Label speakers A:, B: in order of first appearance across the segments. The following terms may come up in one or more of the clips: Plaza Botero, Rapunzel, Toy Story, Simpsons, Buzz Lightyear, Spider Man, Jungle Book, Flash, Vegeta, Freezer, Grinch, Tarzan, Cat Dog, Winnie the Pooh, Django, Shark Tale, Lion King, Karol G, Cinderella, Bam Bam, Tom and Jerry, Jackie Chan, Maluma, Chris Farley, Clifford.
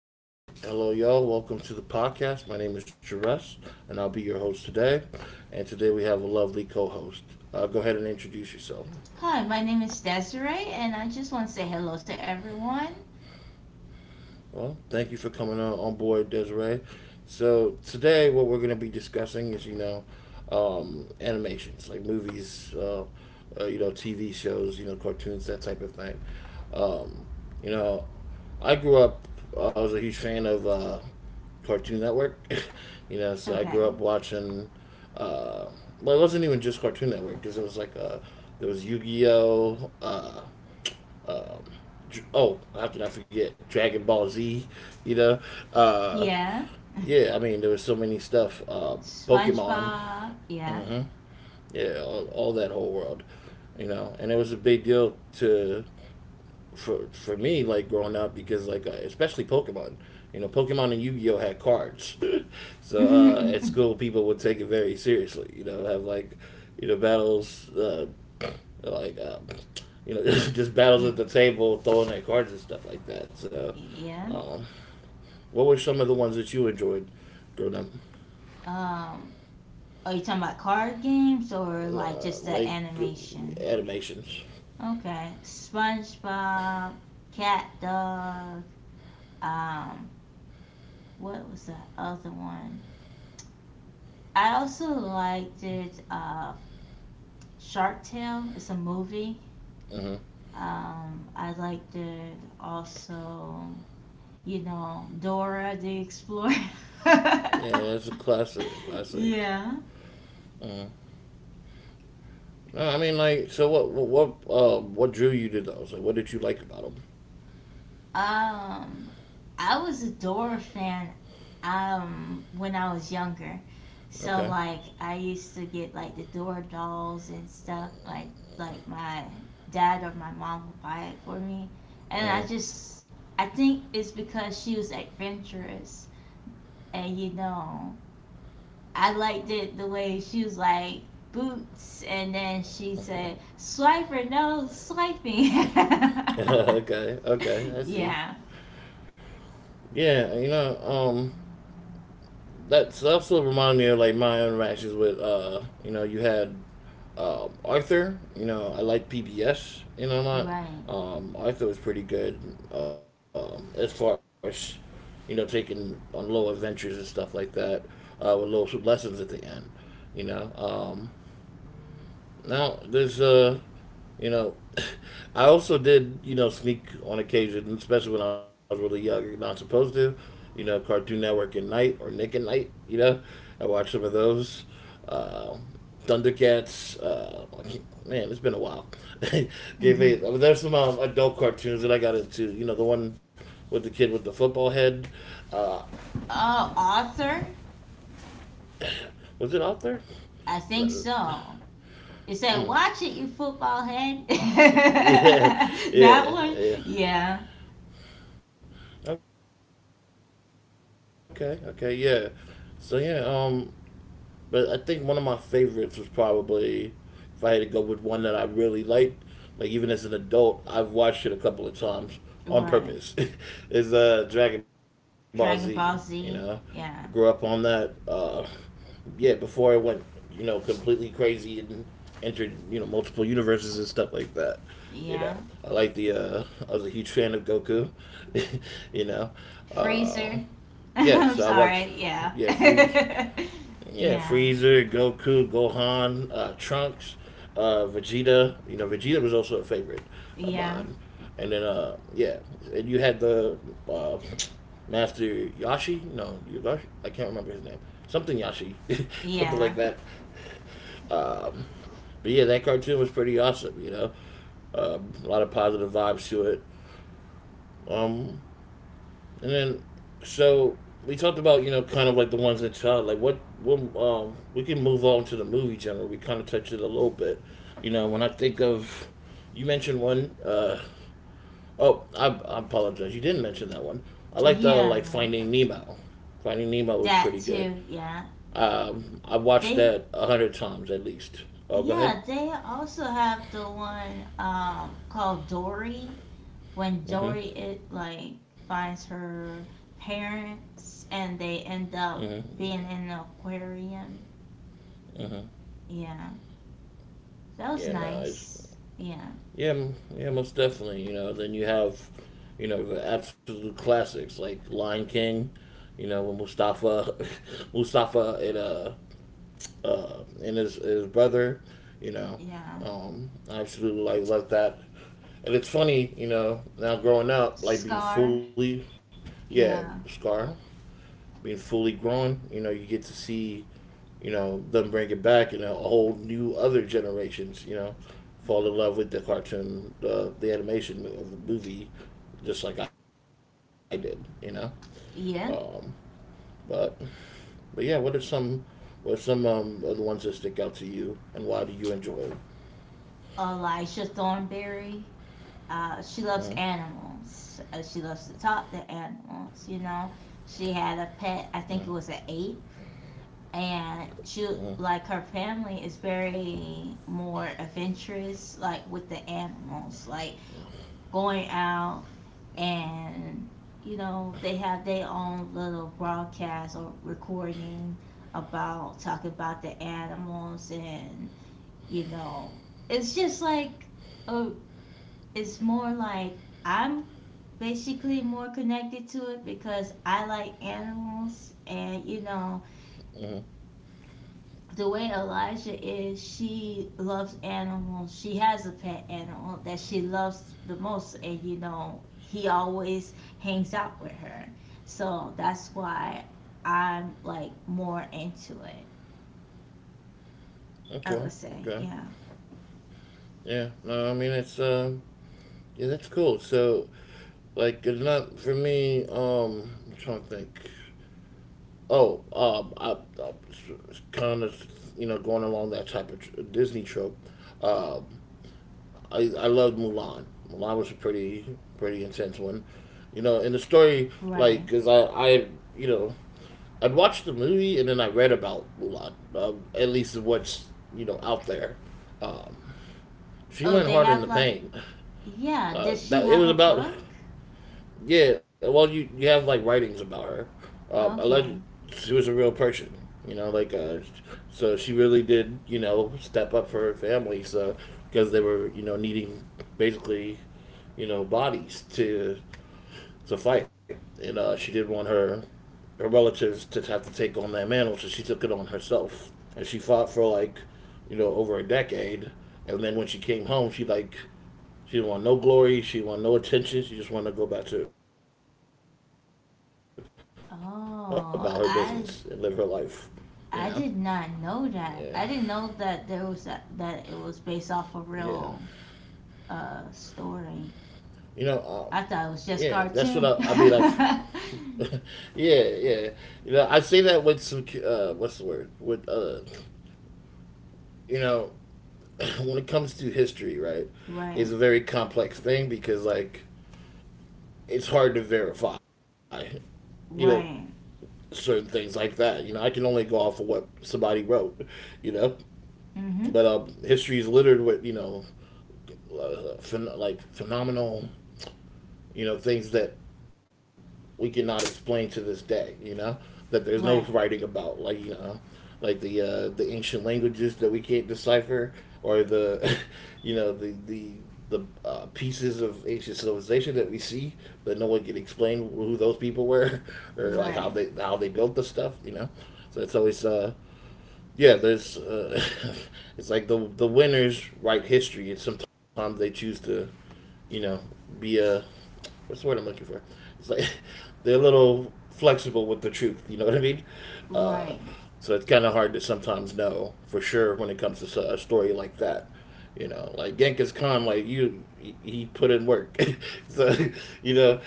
A: All right, hello, y'all. Welcome to the podcast. My name is Jerez, and I'll be your host today. And today we have a lovely co-host. Go ahead and introduce yourself.
B: Hi, my name is Desiree, and I just want to say hello to everyone.
A: Well, thank you for coming on board, Desiree. So today, what we're going to be discussing is, you know, animations like movies, you know, TV shows, you know, cartoons, that type of thing. Um, you know, I grew up. I was a huge fan of Cartoon Network. You know, so I grew
B: Okay.
A: up watching. Uh, well, it wasn't even just Cartoon Network because it was like there was Yu Gi Oh. Um, oh, how can I forget Dragon Ball Z? You know, uh,
B: Yeah.
A: yeah. I mean, there was so many stuff. Pokemon.
B: SpongeBob. Yeah.
A: Hmm. Yeah, all that whole world. You know, and it was a big deal to for me like growing up because like especially Pokemon, you know, Pokemon and Yu Gi Oh had cards. So at school people would take it very seriously. You know, have like you know battles. Like uh, you know, just battles at the table, throwing their cards and stuff like that. So,
B: yeah.
A: um, what were some of the ones that you enjoyed growing up?
B: Um, are you talking about card games or like
A: Uh,
B: just the
A: like
B: animation?
A: animations.
B: Okay. SpongeBob, Cat Dog. Um, what was the other one? I also liked it. Shark Tale. It's a movie.
A: Hmm.
B: I liked it also. Dora the Explorer.
A: Yeah, that's a classic. Classic.
B: yeah.
A: Hmm. No, I mean, like, so what drew you to those? Like, what did you like about them?
B: Um, I was a Dora fan when I was younger. So
A: Okay.
B: like I used to get like the Dora dolls and stuff. Like my dad or my mom would buy it for me. And
A: Uh,
B: I think it's because she was adventurous, and I liked it the way she was, like, boots, and then she said swipe or no swiping.
A: okay. Okay. I see.
B: yeah,
A: Yeah. You know. That's also reminded me of like my interactions with. You know, you had Arthur. You know, I like PBS. You know, not.
B: right.
A: Arthur was pretty good. As far as, you know, taking on little adventures and stuff like that, with little lessons at the end. You know. Now there's you know I also did, you know, sneak on occasion. Especially when I was really young, you're not supposed to, you know, Cartoon Network at night or Nick at night, you know. I watched some of those. Uh, Thundercats, I can't- man, it's been a while. Yeah,
B: Hmm.
A: there's some adult cartoons that I got into. You know, the one with the kid with the football head. Uh,
B: Oh, author?
A: was it out there?
B: I think
A: Mm.
B: so. It said,
A: Mm.
B: "Watch it, you football head."
A: yeah,
B: That one,
A: yeah.
B: yeah,
A: Okay, okay, yeah. So yeah, but I think one of my favorites was probably, if I had to go with one that I really liked, like even as an adult, I've watched it a couple of times on purpose. is
B: right.
A: uh Dragon Ball Z, you know. Grew up
B: Dragon
A: on
B: Ball
A: that.
B: Z,
A: uh
B: yeah,
A: yeah, before it went, you know, completely crazy and entered, you know, multiple universes and stuff like that. You know. I like the
B: yeah.
A: I was a huge fan of Goku. You know. Uh
B: Freezer.
A: yeah, so I watch.
B: I'm
A: Yeah,
B: sorry,
A: Freeze.
B: yeah,
A: Yeah, Freezer,
B: yeah,
A: Goku, Gohan, Trunks, Vegeta. You know, Vegeta was also a favorite of mine.
B: yeah,
A: And then, yeah, and you had the uh, Master Yashi. No, Yogashi. I can't remember his name. Something Yashi, something
B: yeah.
A: like that. Um, but yeah, that cartoon was pretty awesome. You know, a lot of positive vibes to it. Um, And then, so we talked about you know kind of like the ones that child. Like what we can move on to the movie genre. We kind of touched it a little bit. You know, when I think of, you mentioned one. Oh, I apologize. You didn't mention that one. I like the like
B: Yeah,
A: Finding Nemo. Finding Nemo was
B: that
A: pretty good.
B: too. Yeah,
A: I watched
B: they,
A: that a hundred times at least. Oh, go ahead.
B: yeah, they also have the one called Dory, when
A: Mm-hmm.
B: Dory, it, like, finds her parents and they end up
A: Mm-hmm.
B: being in an aquarium.
A: Mm-hmm.
B: Yeah, that was
A: Yeah, no, it's
B: nice. Yeah,
A: yeah, yeah, most definitely. You know, then you have, you know, the absolute classics like Lion King. You know, when Mustafa, Mustafa and his brother. You know,
B: yeah.
A: I absolutely like love that. And it's funny, you know, now growing up, like being
B: Scar.
A: fully, yeah,
B: Yeah,
A: Scar, being fully grown, you know, you get to see, you know, them bring it back and a whole new other generations, you know, fall in love with the cartoon, the animation of the movie, just like I did, you know. Um,
B: yeah.
A: but but yeah, what are some of the ones that stick out to you, and why do you enjoy it?
B: Elijah Thornberry. She loves
A: Uh,
B: animals. She loves to talk to animals. You know, she had a
A: uh,
B: pet. I think it was an ape, and
A: uh,
B: she, like, her family is very more adventurous, like with the animals, like going out, and you know they have their own little broadcast or recording about talking about the animals. And you know it's just like, oh, it's more like, I'm basically more connected to it because I like animals, and you know the way Elijah is, she loves animals, she has a pet animal that she loves the most, and he always hangs out with her, so that's why I'm, like, more into it, I
A: okay,
B: would say.
A: okay,
B: Yeah,
A: yeah. No, I mean it's yeah, that's cool. So like, it's not for me. I'm trying to think. Oh, I kind of, you know, going along that type of Disney trope. Um, I loved Mulan. Mulan was a pretty intense one. You know, in the story,
B: right.
A: like, cause you know, I'd watched the movie and then I read about Mulan. At least what's you know out there. Um, she
B: Oh,
A: went
B: they
A: hard in
B: have
A: the
B: like,
A: pain.
B: yeah, does she
A: That it
B: have
A: was
B: a
A: about
B: book?
A: Yeah, well, you have like writings about her. Alleged
B: Okay.
A: she was a real person, you know, like so she really did, you know, step up for her family. So because they were, you know, needing basically, you know, bodies to fight, and she did not want her relatives to have to take on that mantle, so she took it on herself, and she fought for like, you know, over a decade, and then when she came home, she didn't want no glory. She didn't want no attention. She just wanted to go about her business and live her life. You know.
B: Oh, I
A: Yeah.
B: I did not know that. I didn't know that
A: Yeah.
B: there was a, that it was based off a real
A: You know.
B: story.
A: Yeah. That's
B: I
A: what
B: thought it
A: I. I
B: was
A: mean.
B: just
A: I've.
B: cartoon.
A: Yeah. Yeah. You know. I say that with some. What's the word? With. You know. When it comes to history, right, it's a very
B: Right.
A: complex thing because like it's hard to verify. You know
B: Right.
A: certain things like that. You know, I can only go off of what somebody wrote. You know,
B: Mm.
A: But
B: Mhm.
A: history is littered with you know, like phenomenal you know things that we cannot explain to this day. You know that there's no
B: Right.
A: writing about, like you know, like the ancient languages that we can't decipher, or the you know the pieces of ancient civilization that we see that no one can explain who those people were. Or like
B: Right.
A: how they built the stuff. You know, so it's always yeah, there's it's like the winners write history, and sometimes they choose to you know be a, what's the word I'm looking for? It's like they're a little flexible with the truth. You know what I mean? Uh,
B: Right.
A: so it's kind of hard to sometimes know for sure when it comes to a story like that. You know, like Genghis Khan, like you, he put in work. So, you know,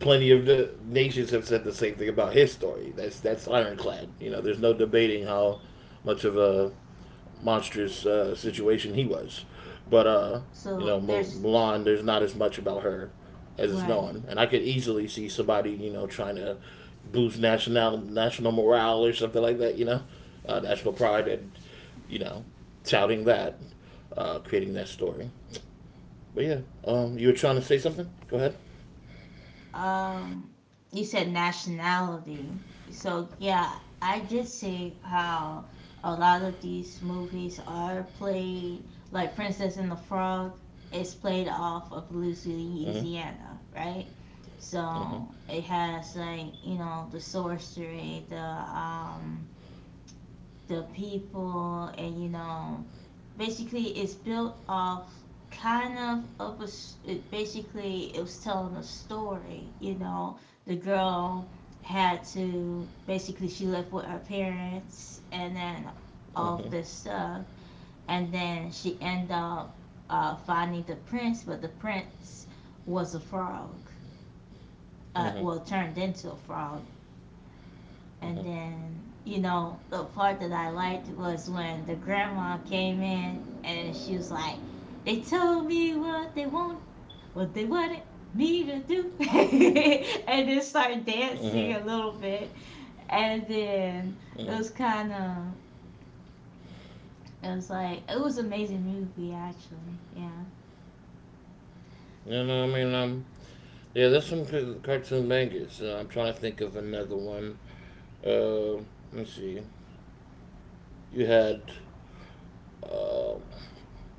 A: plenty of the nations have said the same thing about his story. That's ironclad. You know, there's no debating how much of a monstrous situation he was. But you
B: So
A: know,
B: there's...
A: Mulan, there's not as much about her as is
B: right.
A: known, and I could easily see somebody you know trying to boost national morale or something like that. You know, national pride and you know, touting that, creating that story. But yeah, you were trying to say something. Go ahead.
B: Um, you said nationality. So yeah, I did see how a lot of these movies are played, like Princess and the Frog is played
A: Mhm.
B: off of Louisiana, right?
A: Mhm.
B: So it has, like, you know, the sorcery, the people, and you know basically it's built off kind of a... it basically, it was telling a story, you know, the girl had to, basically she lived with her parents, and then
A: Mhm.
B: all this stuff, and then she ended up finding the prince, but the prince was a frog,
A: Mhm.
B: well, turned into a frog.
A: Mhm.
B: And then, you know, the part that I liked was when the grandma came in, and she was like, they told me what they want, what they wanted me to do. And then
A: Mhm.
B: started dancing a little bit. And
A: Mhm.
B: then it was kind of, it was like, it was an amazing movie, actually. Yeah.
A: You know what I mean? Yeah, there's some good cartoon bangers. I'm trying to think of another one. Uh, let's see. You had, uh,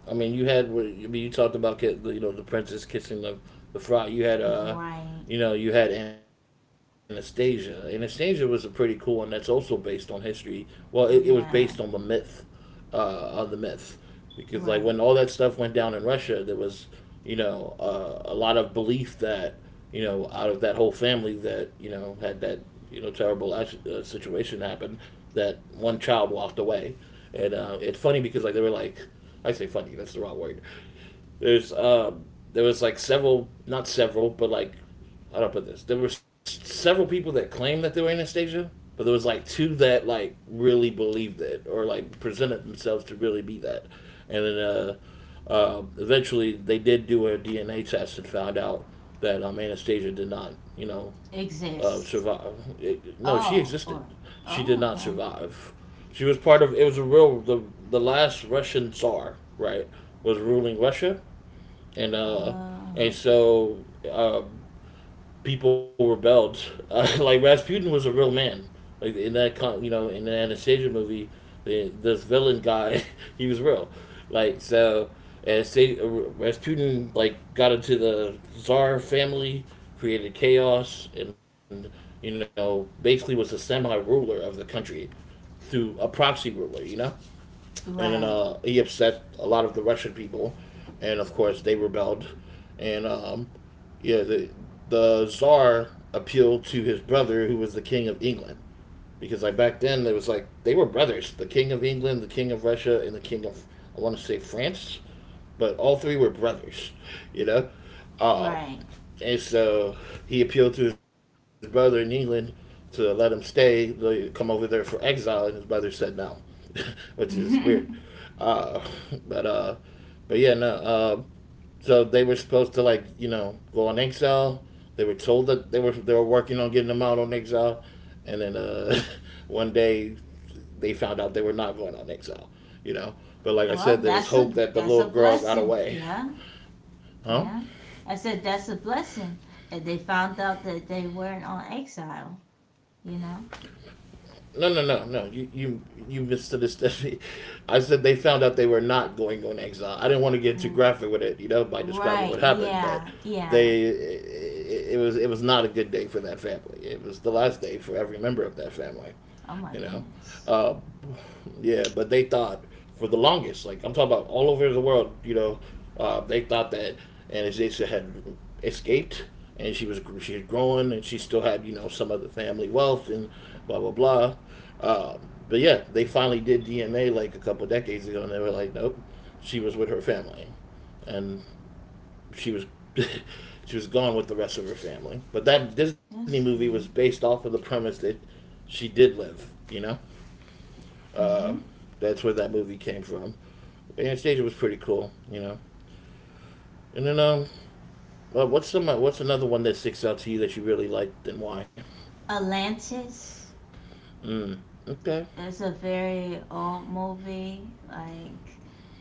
A: I mean, I mean, you talked about you know the princess kissing the fry. You had
B: Right.
A: you know, you had Anastasia. Anastasia was a pretty cool one. That's also based on history. Well, it was based on the myth,
B: Yeah.
A: uh, on the myth. Because like when all that stuff
B: Right.
A: went down in Russia, there was you know a lot of belief that you know out of that whole family that you know had that you know terrible situation happen, that one child walked away, and it's funny because like they were like, I say funny that's the wrong word, there's uh there was like several, not several, but like how do I put this? There were several people that claimed that they were Anastasia, but there was like two that like really believed it or like presented themselves to really be that, and then eventually they did do a DNA test and found out that Anastasia did not, you know,
B: Exists.
A: survive. No, she
B: Oh,
A: existed.
B: or,
A: She did
B: oh,
A: not
B: okay.
A: survive. She was part of. It was a real the last Russian Tsar, right? Was ruling Russia and uh,
B: Oh,
A: and so uh, people rebelled. Like Rasputin was a real man. Like in that in the Anastasia movie, this villain guy, he was real. Like so, Anastasia, Rasputin like got into the czar family, created chaos, and basically was a semi ruler of the country through a proxy ruler. You know, and then
B: right.
A: he upset a lot of the Russian people, and of course they rebelled, and yeah, the Tsar appealed to his brother, who was the king of England, because like back then it was like they were brothers: the King of England, the King of Russia, and the King of I want to say France, but all three were brothers. you know. Um,
B: Right.
A: and so he appealed to his brother in England to let him stay, like, come over there for exile, and his brother said no. Which is weird. Uh, but uh, but yeah, no. So they were supposed to like go on exile. They were told that they were working on getting them out on exile, and then one day they found out they were not going on exile. You know, but like I
B: Well,
A: said, there was
B: that's
A: hope
B: a,
A: that the
B: that's a
A: little girl got
B: blessing.
A: away.
B: Yeah,
A: Huh?
B: yeah. I said that's a blessing that they found out that they weren't on exile. You
A: No, no,
B: know.
A: no, no. You misunderstood. I said they found out they were not going on exile. I didn't want to get too graphic with it, by
B: R-
A: describing what happened, but
B: Right.
A: they
B: Yeah. Yeah.
A: it, it was not a good day for that family. It was the last day for every member of that family, you know.
B: Oh my
A: Uh,
B: goodness.
A: yeah, but they thought for the longest, like I'm talking about all over the world, they thought that Anastasia had escaped and she was growing and she still had some of the family wealth and blah blah blah. Um, but yeah, they finally did DNA like a couple decades ago, and they were like, nope, she was with her family, and she was. She was gone with the rest of her family, but that Disney
B: That's
A: movie was
B: good.
A: based off of the premise that she did live. Uh,
B: Mhm.
A: that's where that movie came from. Anastasia was pretty cool. And then well, what's another one that sticks out to you that you really liked and why?
B: Atlantis.
A: Mm. Okay.
B: It's a very old movie. Like.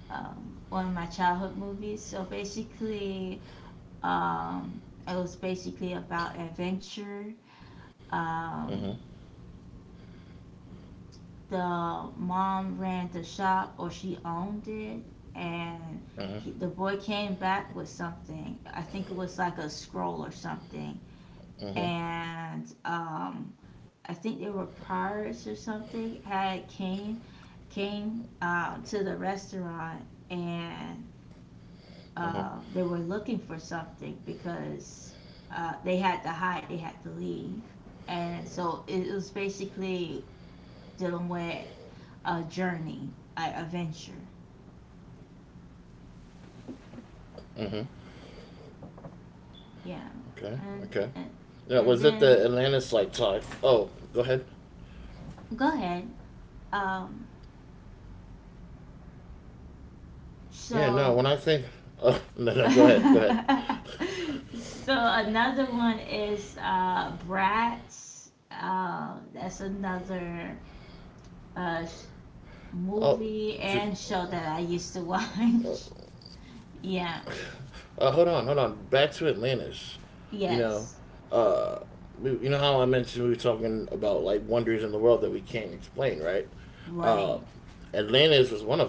B: One of my childhood movies. So basically, um, it was basically about adventure.
A: Mhm.
B: Um, the mom ran the shop or she owned it, and
A: Mhm.
B: he, the boy came back with something, I think it was like a scroll or something,
A: Mhm.
B: and I think they were pirates or something, had came, to the restaurant, and
A: Mhm.
B: they were looking for something because they had to hide, they had to leave, and so it was basically dealing with a journey, a venture.
A: Mhm.
B: Yeah.
A: Okay.
B: And
A: Okay.
B: and
A: Yeah,
B: and
A: was it
B: then,
A: the Atlantis like type? Oh, go ahead.
B: go ahead. Um
A: Yeah, no.
B: so
A: When I think, oh no, no,
B: so
A: go ahead, go ahead.
B: another one is Bratz. That's another uh
A: Oh,
B: sh-
A: ju-
B: movie and show that I
A: oh,
B: used to watch. yeah.
A: Hold on, hold on. Back to Atlantis. You know,
B: Yes.
A: uh, you know how I mentioned we were talking about like wonders in the world that we can't explain, right? Uh,
B: Right.
A: Atlantis was one of them,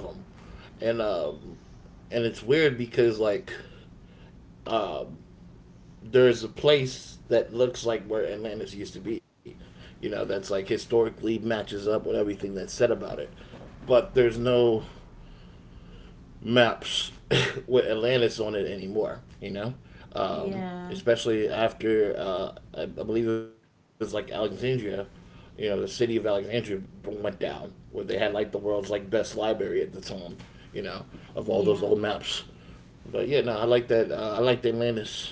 A: and um, and it's weird because like uh, there's a place that looks like where Atlantis used to be. You know, that's like historically matches up with everything that's said about it, but there's no maps with Atlantis on it anymore. You know,
B: Yeah.
A: especially after I believe it was like Alexandria. You know, the city of Alexandria went down where they had like the world's like best library at the time. You know, of all those old
B: Yeah.
A: maps. But yeah, no, I like that. I like the Atlantis.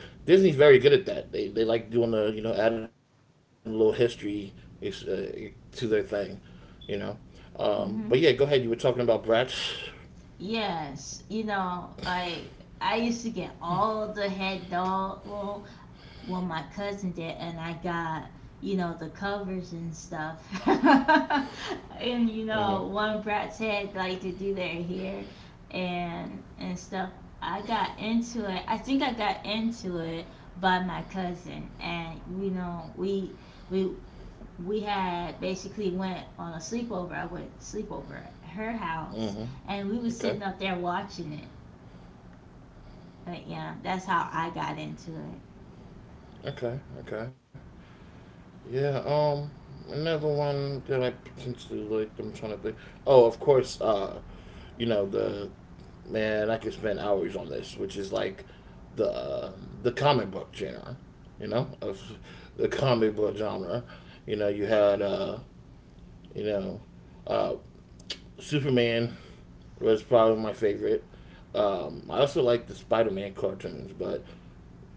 A: Disney's very good at that. They like doing the adding a little history uh, to their thing, you know. But yeah, go ahead. You were
B: Mhm.
A: talking about brats.
B: Yes, you know, I used to get all the head doll, well, well, my cousin did, and I got, you know, the covers and stuff. And you
A: Mm-hmm.
B: know, one brat's head, like, to do their hair and stuff. I got into it. I think I got into it by my cousin, and you know, we had basically went on a sleepover. I went sleepover at her house,
A: Mm-hmm.
B: and we was
A: Okay.
B: sitting up there watching it. But yeah, that's how I got into it.
A: Okay. Okay. Yeah. Another one that I potentially like. I'm trying to think. Oh, of course. You know the man. I could spend hours on this, which is like the uh, the comic book genre. You know of the comic book genre. You know you had You know, uh. Superman was probably my favorite. I also like the Spider Man cartoons, but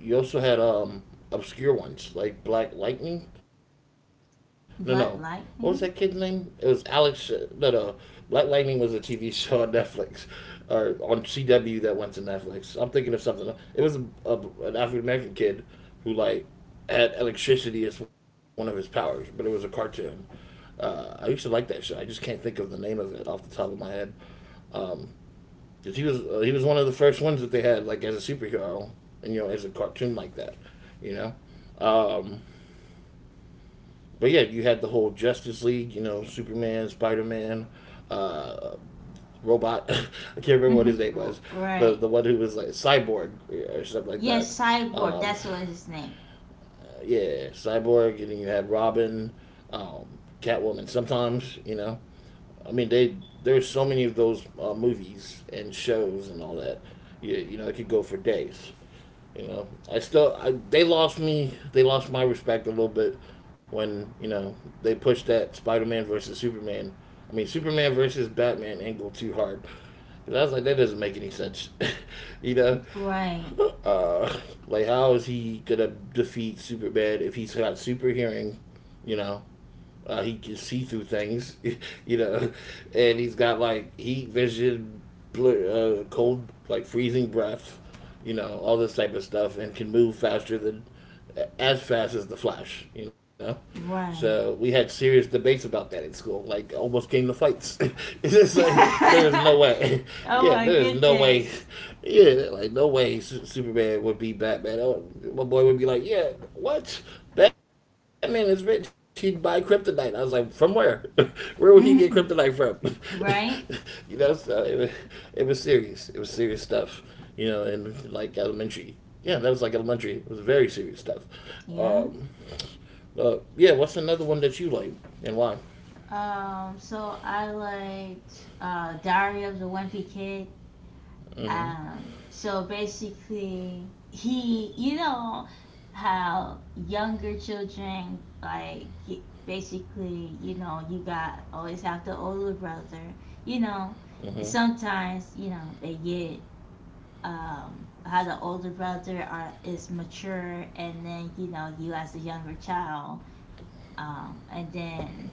A: you also had obscure ones like Black Lightning. No, no. What was that kid's
B: Blood
A: name? It was
B: Lightning,
A: Alex. No, no. Black Lightning was a TV show on Netflix or on CW that went to Netflix. I'm thinking of something. It was an African American kid who like had electricity as one of his powers, but it was a cartoon. I used to like that show. I just can't think of the name of it off the top of my head. Um, 'Cause he was one of the first ones that they had like as a superhero, and as a cartoon like that, you know. Um, but yeah, you had the whole Justice League, you know, Superman, Spider Man, uh, robot. I can't remember what his name was. The
B: right?
A: one who was like cyborg or stuff like that.
B: Yes, Cyborg.
A: Um,
B: That's what his name.
A: yeah, Cyborg, and then you had Robin, um, Catwoman. Sometimes I mean they there's so many of those movies and shows and all that. You know, it could go for days. You know, they lost me. They lost my respect a little bit when they pushed that Spider-Man versus Superman. I mean, Superman versus Batman angle too hard. Because I was like, that doesn't make any sense. you know,
B: Right,
A: uh, like, how is he gonna defeat Superman if he's got super hearing? You know, he can see through things, you know, and he's got like heat vision, cold, like freezing breath, all this type of stuff, and can move faster than as fast as the Flash, you know.
B: right.
A: So we had serious debates about that at school. Like almost came to fights. It's just like there is no way.
B: Oh
A: Yeah, there
B: my
A: is no way.
B: goodness.
A: Yeah, like no way Superman would be Batman. Oh, my boy would be like, yeah, what? Batman is rich. He'd buy kryptonite. I was like, from where? Where would he get kryptonite from?
B: Right?
A: So it was serious. It was serious stuff. You know, and like elementary. Yeah, that was like elementary. It was very serious stuff.
B: Yeah.
A: Um, but yeah, what's another one that you like and why?
B: So I liked Diary of the Wimpy Kid.
A: Mm-hmm.
B: So basically, he, you know, how younger children, like, basically, you know, you got always have the older brother. You know,
A: Mm-hmm.
B: sometimes, you know, they get, how the older brother are, is mature, and then you know you as a younger child, and then,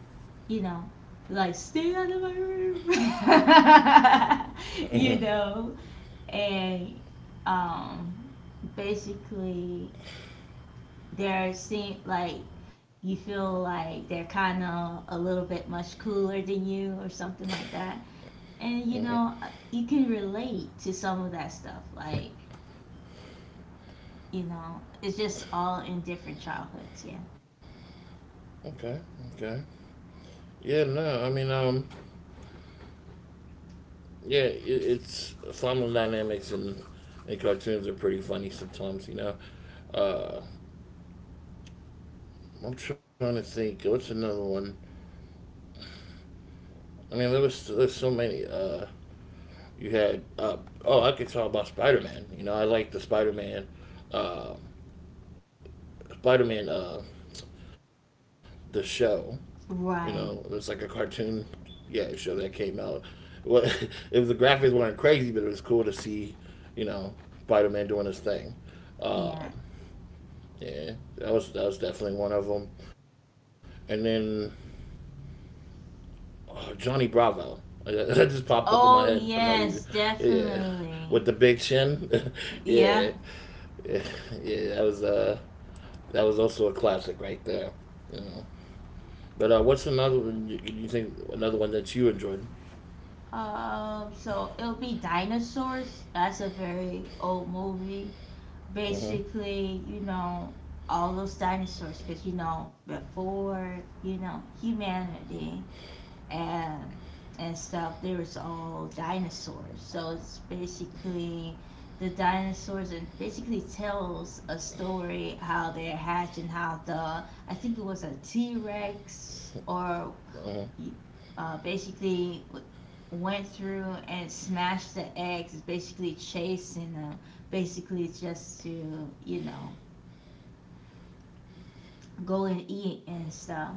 B: you know, like, stay out of my room, you know, and um, basically, they're, seem like, you feel like they're kind of a little bit much cooler than you or something like that. And you know, you can relate to some of that stuff. Like, you know, it's just all in different childhoods. Yeah.
A: Okay. Okay. Yeah. No. I mean, yeah, it's family dynamics and cartoons are pretty funny sometimes. You know. Uh, I'm trying to think. What's another one? I mean, there's so many. You had oh, I could talk about Spider Man. You know, I like the Spider Man, uh, Spider Man the show. You know, it was like a
B: Right.
A: cartoon, yeah, show that came out. Well, it was the graphics weren't crazy, but it was cool to see, you know, Spider Man doing his thing. Uh,
B: Yeah.
A: yeah, that was definitely one of them. And then oh, Johnny Bravo. That just popped up in my head for no
B: Oh,
A: reason.
B: yes,
A: Yeah, with the big
B: definitely.
A: chin. Yeah.
B: Yeah.
A: Yeah, yeah, that was also a classic right there. You know. But what's another one you think another one that you enjoyed?
B: So it'll be Dinosaurs. That's a very old movie.
A: Mhm,
B: Basically, you know, all those dinosaurs because, you know, before, you know, humanity and and stuff, there was all dinosaurs. So it's basically the dinosaurs, and basically tells a story how they're hatched, and how the, I think it was a t-rex, or
A: mhm,
B: basically went through and smashed the eggs, basically chasing them, basically just to, you know, go and eat and stuff.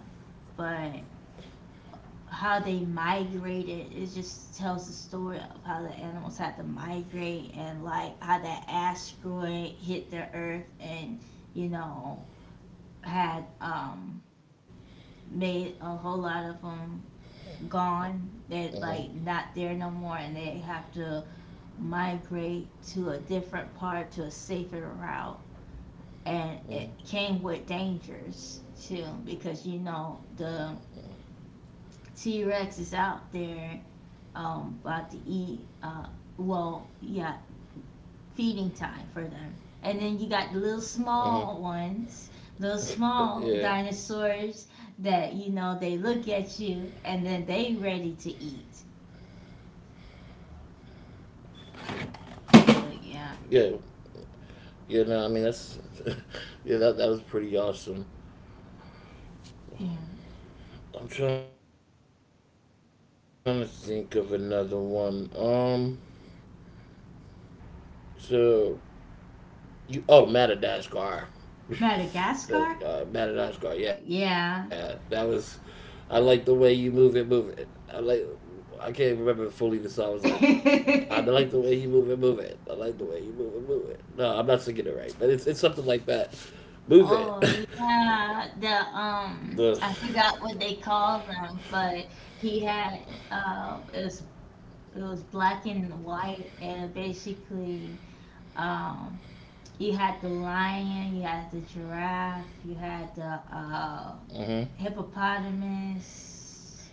B: But how they migrated, it just tells the story of how the animals had to migrate, and like how that asteroid hit the earth, and you know had made a whole lot of them gone, they're, like, not
A: mhm,
B: there no more, and they have to migrate to a different part, to a safer route. And it came with dangers too, because, you know, the t-rex is out there, about to eat, well, yeah, feeding time for them. And then you got the little small ones,
A: mhm.
B: little small dinosaurs,
A: Yeah,
B: that, you know, they look at you and then they ready to eat. So yeah.
A: yeah, yeah. No, I mean that's yeah, that was pretty awesome.
B: Yeah.
A: I'm trying to think of another one. And let me see. So You oh
B: Madagascar.
A: Madagascar.
B: Yeah.
A: Madagascar. Yeah, that was. I like the way you move it, move it. I like. I can't remember fully the song. I was like, I like the way you move it, move it. I like the way you move it, move it. No, I'm not singing it right, but it's something like that. Move
B: Oh
A: it.
B: yeah, the,
A: the.
B: I forgot what they call them, but he had, it was, it was black and white, and basically, um you had the lion, you had the giraffe, you had the uh
A: Mhm.
B: hippopotamus,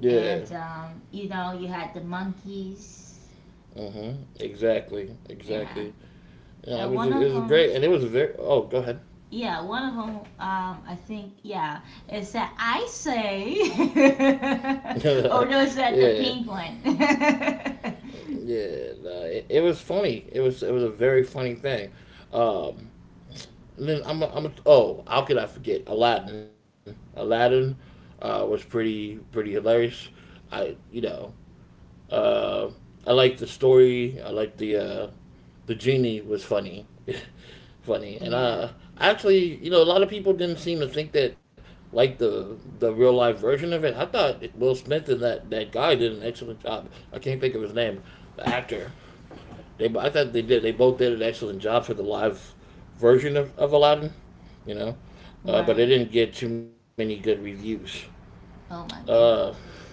A: Yeah.
B: and you know, you had the monkeys.
A: Mhm. Exactly.
B: Yeah.
A: Exactly. Yeah, it was
B: One of
A: it was
B: them,
A: great, and it was very. Oh, go ahead.
B: yeah, one of them, I think, yeah, it's that, I say. Oh no, it's
A: Yeah.
B: that the pink one.
A: Yeah, nah, it was funny. It was a very funny thing. Um, and then oh, how could I forget Aladdin? Aladdin was pretty pretty hilarious. I you know uh, I liked the story. I liked the genie was funny, funny, and
B: Yeah,
A: actually a lot of people didn't seem to think that like the real life version of it. I thought Will Smith and that guy did an excellent job. I can't think of his name, the actor. I thought they did. They both did an excellent job for the live version of Aladdin, you know,
B: right.
A: but it didn't get too many good reviews.
B: Oh my
A: Uh,
B: goodness.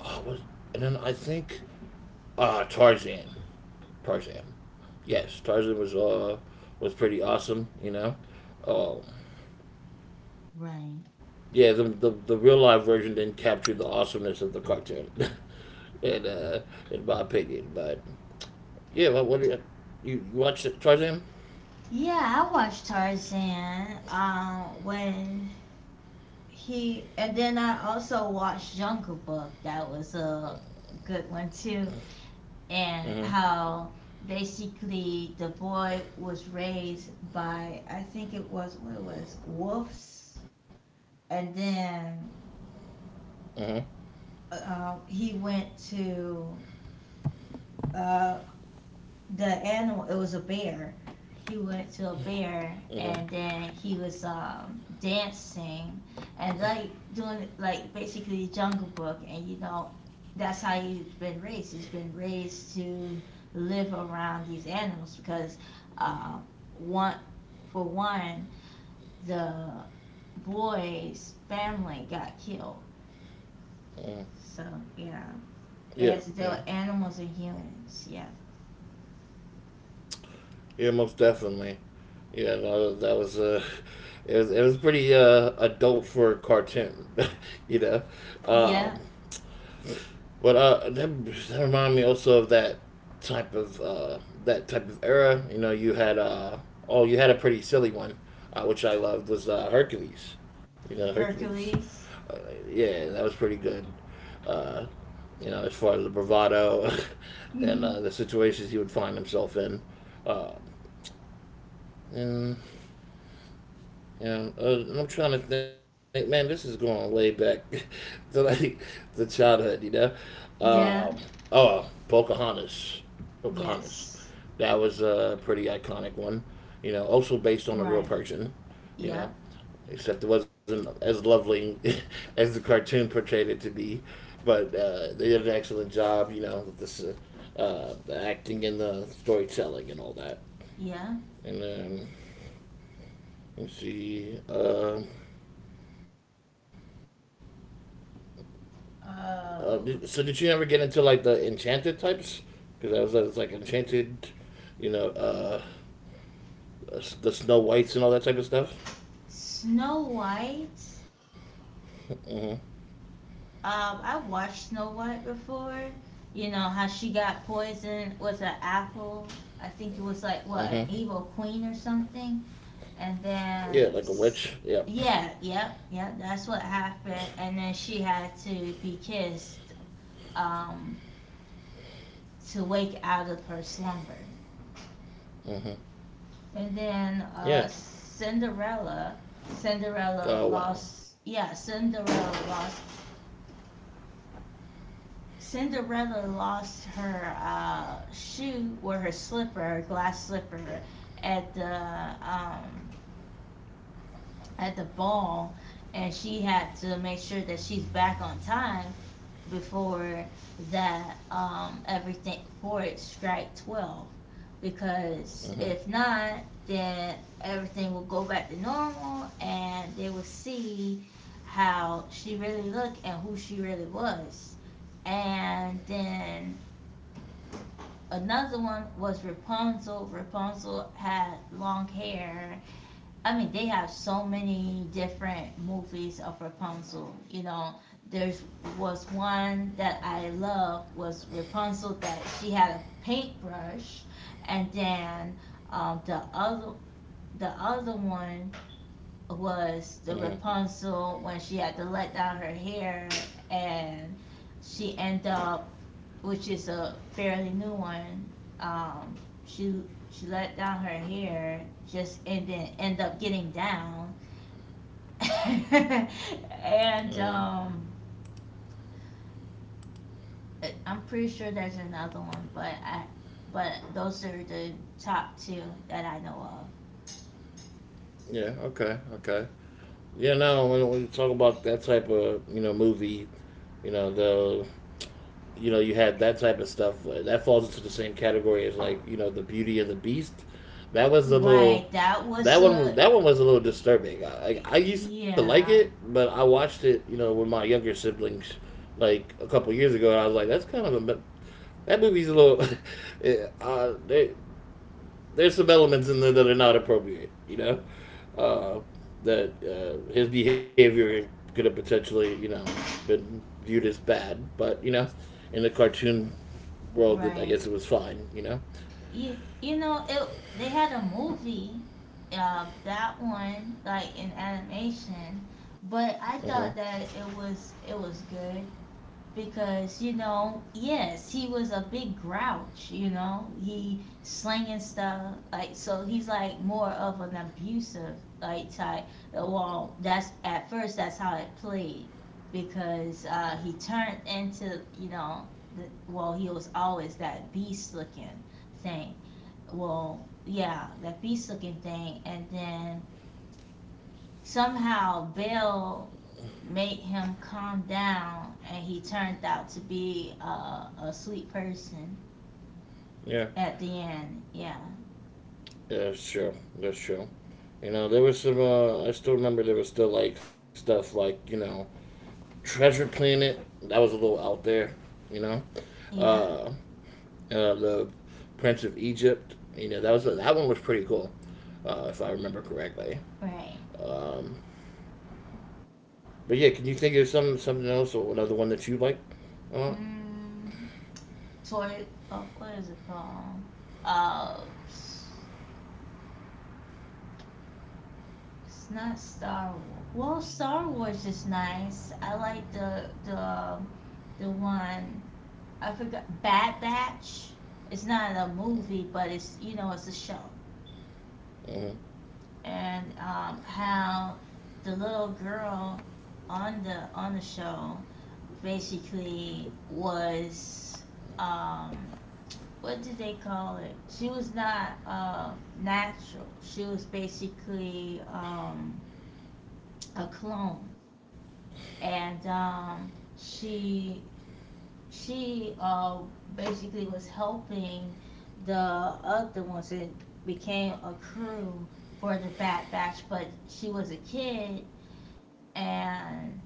A: oh, was, and then I think Tarzan, Tarzan, yes, Tarzan was pretty awesome, you know. Uh,
B: Right.
A: yeah, the real live version didn't capture the awesomeness of the cartoon, in uh, in my opinion. But yeah, well, what do you, watched it, Tarzan?
B: Yeah, I watched Tarzan when he, and then I also watched Jungle Book. That was a good one too. And
A: Mm-hmm.
B: how basically the boy was raised by, I think it was, what it was, wolves, and then
A: Mm-hmm.
B: he went to uh, the animal, it was a bear, he went to a bear, and then he was dancing and, like, doing like basically jungle book, and you know that's how he's been raised. He's been raised to live around these animals because um one, for one, the boy's family got killed.
A: mm
B: So yeah, it
A: Yeah,
B: has to deal
A: yeah.
B: with animals and humans. Yeah.
A: Yeah, most definitely. Yeah, no, that was it was pretty adult for a cartoon, you know. Um,
B: Yeah.
A: but that reminded me also of type of uh that type of era. You know, you had uh oh, you had a pretty silly one, which I loved was Hercules. You know, Hercules.
B: Hercules.
A: Uh, yeah, that was pretty good. Uh, you know, as far as the bravado and the situations he would find himself in. Uh, and Yeah, I'm trying to think, man. This is going way back to like the childhood, you know.
B: Yeah,
A: Um oh, Pocahontas, Pocahontas.
B: yes.
A: That was a pretty iconic one, you know. Also based on a
B: Right.
A: real person, you
B: Yep,
A: know. Except it wasn't as lovely as the cartoon portrayed it to be, but they did an excellent job, you know, with this, the acting and the storytelling and all that.
B: yeah.
A: And then let's see. So did you ever
B: Uh,
A: get into like the enchanted types? Because I was like enchanted, you know, the Snow Whites and all that type of stuff.
B: Snow White.
A: Mm-hmm.
B: I've watched Snow White before. You know how she got poisoned with an apple. I think it was
A: Mm-hmm.
B: like, what, an evil queen or something. And
A: Yeah, like a
B: then,
A: witch. Yeah.
B: s- yeah, yep, yep. That's what happened. And then she had to be kissed um, to wake out of her slumber.
A: Mm-hmm.
B: And then
A: Yeah.
B: Cinderella,
A: Oh
B: Cinderella
A: wow.
B: lost. Yeah, Cinderella lost. Cinderella lost her shoe, or her slipper, her glass slipper, at the um, at the ball, and she had to make sure that she's back on time before that, everything, before it strike 12. Because
A: Mm-hmm.
B: if not, then everything will go back to normal, and they will see how she really looked and who she really was. And then another one was Rapunzel. Rapunzel had long hair. I mean, they have so many different movies of Rapunzel. You know, there's, was one that I love, was Rapunzel that she had a paintbrush, and then the other, the other one
A: Mm-hmm.
B: was the Rapunzel when she had to let down her hair, and she ended up, which is a fairly new one. Um, she she let down her hair, just and then end up getting down and
A: Mm-hmm.
B: um, am pretty sure there's another one, but but those are the top two that I know
A: Yeah. Okay. Okay. Yeah. No. When we talk about that type of, you know, movie, you know the you know, you had that type of stuff that falls into the same category as, like, you know, the Beauty and the Beast. that was
B: of.
A: a
B: Right,
A: little that one was a little disturbing. I used to like
B: yeah,
A: it, but I watched it, you know, with my younger siblings like a couple years ago, and I was like, that movie's a little uh, there, there's some elements in there that are not appropriate, you know. Uh, that His behavior could have potentially, you know, been viewed as bad, but, you know, in the cartoon world, that
B: right.
A: I guess it was fine, you know?
B: You know it. They had a movie, that one like in animation, but
A: Uh
B: I
A: huh.
B: thought that it was good, because you know yes he was a big grouch. You know, he slinging stuff like so he's like more of an abusive like type. Well, that's at first that's how it played because he turned into you know well he was always that beast looking thing. Well yeah, that beast looking thing, and then somehow Bill made him calm down and he turned out to be a sweet person
A: Yeah.
B: at the end. Yeah.
A: Yeah, that's true. That's true. You know, there was some, I still remember there was still, like, stuff like, you know, Treasure Planet. That was a little out there, you know?
B: Yeah.
A: Uh, the Prince of Egypt. You know, that one was pretty cool, if I remember correctly.
B: Right.
A: Um, but yeah, can you think of something else or another one that you like? Uh,
B: Mm, toy. Oh, what is it called? Uh, it's not Star Wars. Well, Star Wars is nice. I like the the one. I forgot. Bad Batch. It's not a movie, but it's you know it's a show.
A: uh-huh. Uh-huh.
B: And how the little girl on the show basically was um, what did they call it? She was not natural. She was basically a clone, and she basically was helping the other ones that became a crew for the Bad Batch, but she was a kid and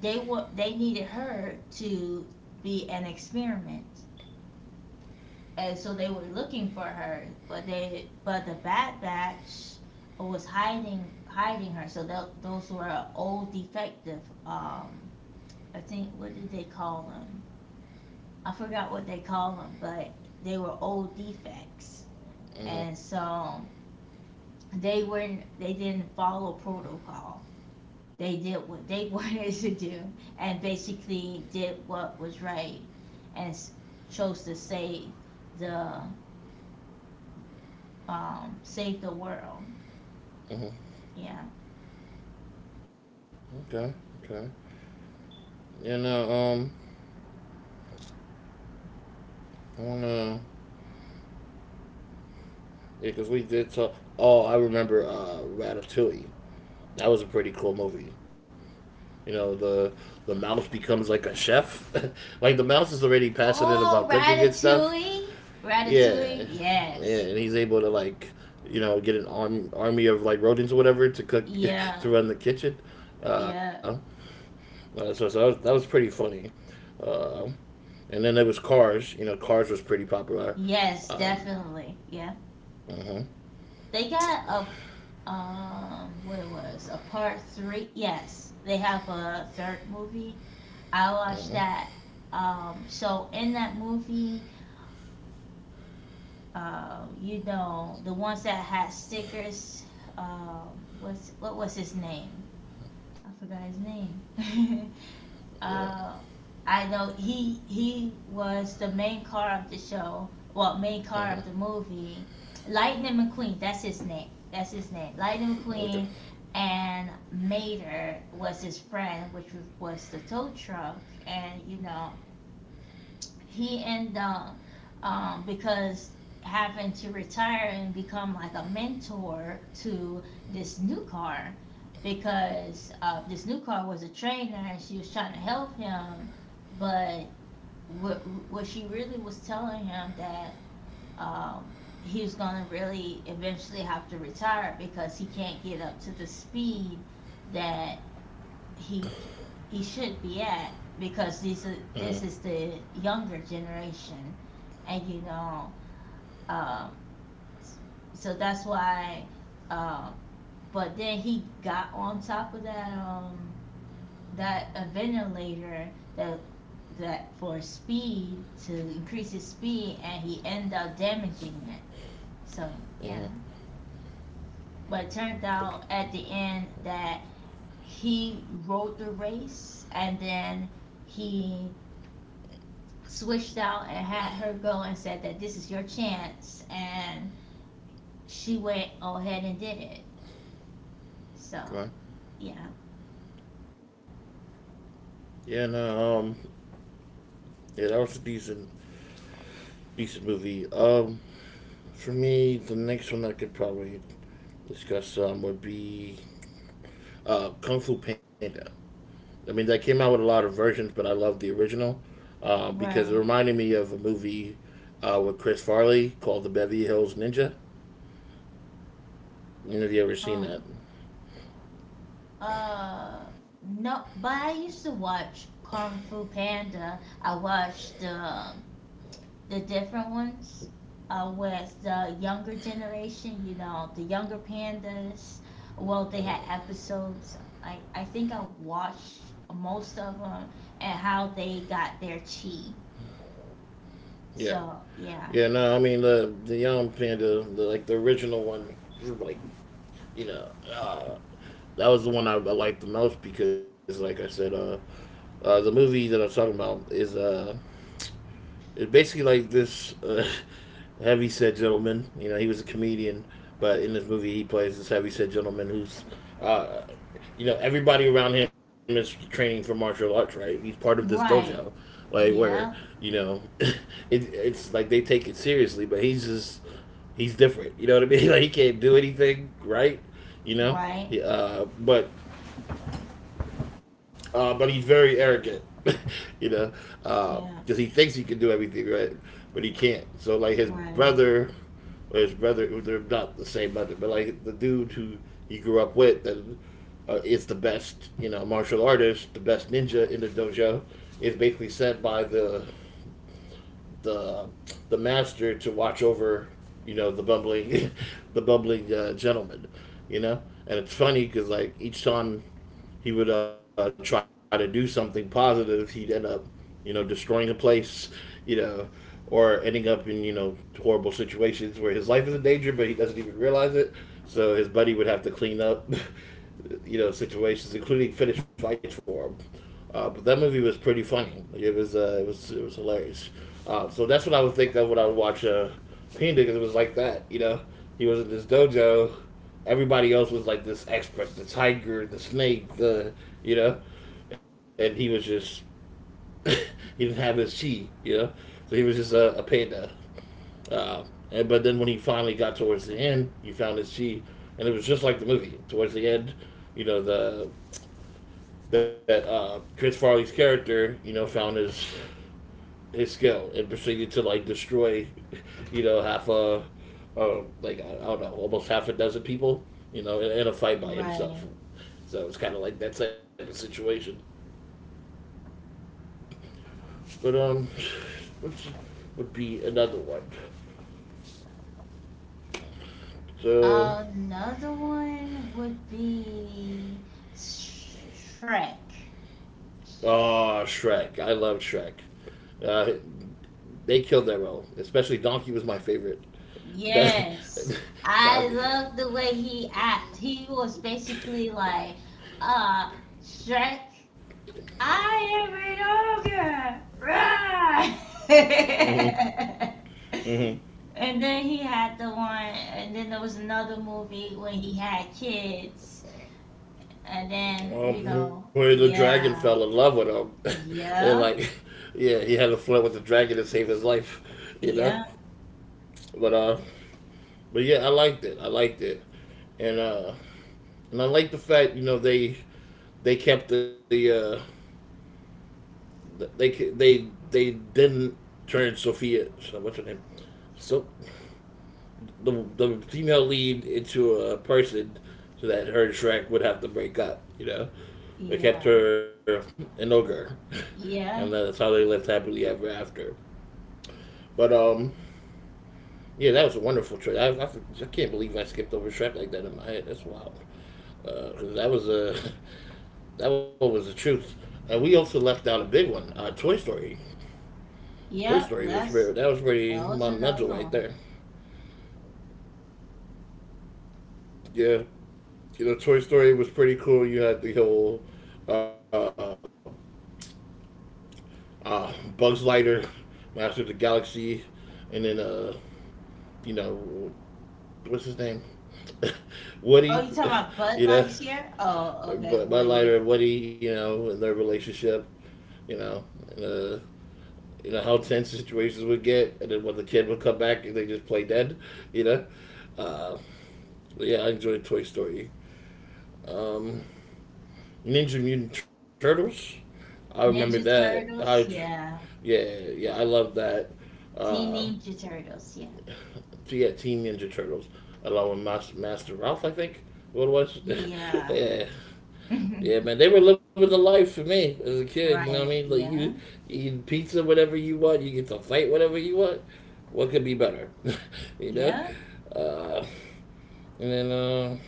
B: they needed her to be an experiment, and so they were looking for her, but the Bad Batch was hiding her. So those were old defective. Um, I think, what did they call them? I forgot what they call them, but they were old defects, and so they didn't follow protocol. They did what they wanted to do and basically did what was right and chose to the save the world.
A: Uh-huh.
B: Yeah.
A: Okay. Okay. You know, I don't know. Yeah, because we did talk. Oh, I remember Ratatouille. That was a pretty cool movie. You know, the the mouse becomes like a chef. Like the mouse is already passionate
B: Oh,
A: about cooking and stuff.
B: Ratatouille. Ratatouille.
A: Yeah, yeah,
B: Yes.
A: and he's able to, like, you know, army of, like, rodents or whatever to cook
B: Yeah.
A: to run the kitchen.
B: Yeah.
A: Uh, so that was pretty funny. Uh, and then there was Cars. You know, Cars was pretty popular.
B: Yes,
A: Um,
B: definitely. Yeah.
A: uh huh,
B: They got a what it was a part three. Yes, they have a third movie. I
A: uh
B: watched
A: huh,
B: that. So in that movie, you know, the ones that had stickers. Um, what was his name? I forgot his name.
A: yeah.
B: uh, I know he was the main car of the show. Well, main car
A: Uh-huh.
B: of the movie. Lightning McQueen. That's his name. That's his name. Lightning McQueen,
A: Okay.
B: and Mater was his friend, which was the tow truck. And you know, he ended up because having to retire and become like a mentor to this new car, because this new car was a trainer and she was trying to help him, but what she really was telling him that um, he was going to really eventually have to retire because he can't get up to the speed that he he should be at because
A: Uh-huh.
B: this is the younger generation, and you know, um, so that's why. Uh, but then he got on top of that that a ventilator that that for speed to increase his speed, and he ended up damaging it. So
A: Uh-huh.
B: yeah, but it turned out at the end that he rode the race, and then he switched out and had her go and said that this is your chance, and she went ahead and did it. So
A: Okay.
B: yeah,
A: Yeah, no, yeah, that was a decent, decent movie. For me, the next one I could probably discuss, would be, Kung Fu Panda. I mean, that came out with a lot of versions, but I love the original, because it
B: right.
A: reminded me of a movie, with Chris Farley, called The Beverly Hills Ninja. You know, if you ever seen
B: Um.
A: that.
B: Uh. No, but I used to watch Kung Fu Panda. I watched the different ones with the younger generation. You know, the younger pandas. Well, they had
A: Uh-huh.
B: episodes. I think I watched most of them, and how they got their chi.
A: Yeah.
B: So
A: Yeah,
B: yeah,
A: no, I mean, the Young Panda, the, like, the original one, like, you know, that was the one I liked the most because, like I said, the movie that I was talking about is it basically like this heavy gentleman. You know, he was a comedian, but in this movie he plays this heavyset gentleman who's, uh, you know, everybody around him is training for martial arts. Right, he's part of this dojo,
B: right,
A: like where
B: yeah,
A: you know, it's like they take it seriously, but he's just he's different. You know what I mean? Like he can't do anything right. You know,
B: right,
A: he, but he's very arrogant, you know,
B: yeah,
A: because he thinks he can do everything right, but he can't. So like his
B: right,
A: brother, or his brother, they're not the same brother, but like the dude who he grew up with and is the best, you know, martial artist, the best ninja in the dojo, is basically sent by the the master to watch over, you know, the bumbling gentleman, you know. And it's funny because like each time he would try to do something positive, he'd end up, you know, destroying the place, you know, or ending up in, you know, horrible situations where his life is in danger, but he doesn't even realize it. So his buddy would have to clean up, you know, situations, including finish fights for him. But that movie was pretty funny. It was it was hilarious. So that's what I would think of when I would watch Panda, because it was like that. You know, he was in this dojo. Everybody else was like this expert, the tiger, the snake, the you know, and he was just he didn't have his chi, you know, so he was just a panda. Uh, and but then when he finally got towards the end, he found his chi, and it was just like the movie. Towards the end, you know the that Chris Farley's character, you know, found his skill and proceeded to, like, destroy, you know, half a or like I don't know, almost half a dozen people, you know, in a fight by
B: right.
A: himself. So it's kind of like that type of situation. But what would be another one? So,
B: Another one would be Shrek.
A: oh, Shrek. I love Shrek. Uh, they killed that role, especially Donkey was my favorite. Donkey.
B: Yes, I love the way he act. He was basically like, uh, Shrek. I am an ogre! Rah!
A: Mm-hmm. Mm-hmm.
B: and then he had the one, and then there was another movie when he had kids, and then, you know,
A: Where the dragon
B: yeah,
A: fell in love with him, and
B: yeah,
A: like, yeah, he had to flirt with the dragon to save his life, you know.
B: yeah,
A: But uh, but yeah, I liked it. I liked it, and I like the fact, you know, they kept the they they they didn't turn Sophia, so what's her name, so the female lead into a person, so that her and Shrek would have to break up. You know, they kept
B: yeah,
A: her an ogre, and that's
B: yeah,
A: how they lived happily ever after. But yeah, that was a wonderful choice. I can't believe I skipped over Shrek like that in my head. That's wild. Because That one was the truth. We also left out a big one. Toy Story. Toy
B: yeah,
A: Story was
B: that's,
A: very, that was pretty
B: that was another
A: monumental right
B: one.
A: there. Yeah, you know, Toy Story was pretty cool. You had the whole uh, Buzz Lightyear, Master of the Galaxy, and then you know, what's his name?
B: Oh,
A: Woody,
B: you talking about
A: you
B: Bud
A: know,
B: Lightyear? Oh, okay,
A: Buzz
B: Woody.
A: Lightyear and Woody, you know, and their relationship, you know, and you know how tense situations would get, and then when the kid would come back and they just play dead, you know. Uh, yeah, I enjoyed Toy Story. Um, Ninja Mutant Turtles, I remember
B: Ninja
A: that. I
B: Turtles, yeah.
A: Yeah, yeah, I love that.
B: Teen
A: Uh,
B: Ninja Turtles, yeah.
A: so yeah, Teen Ninja Turtles along with Master Ralph, I think what it was.
B: Yeah.
A: Yeah, yeah, man, they were living the life for me as a kid. You know what I
B: Right.
A: mean?
B: Yeah.
A: You eat pizza whatever you want. You get to fight whatever you want. What could be better? You know.
B: Yeah.
A: Uh, and then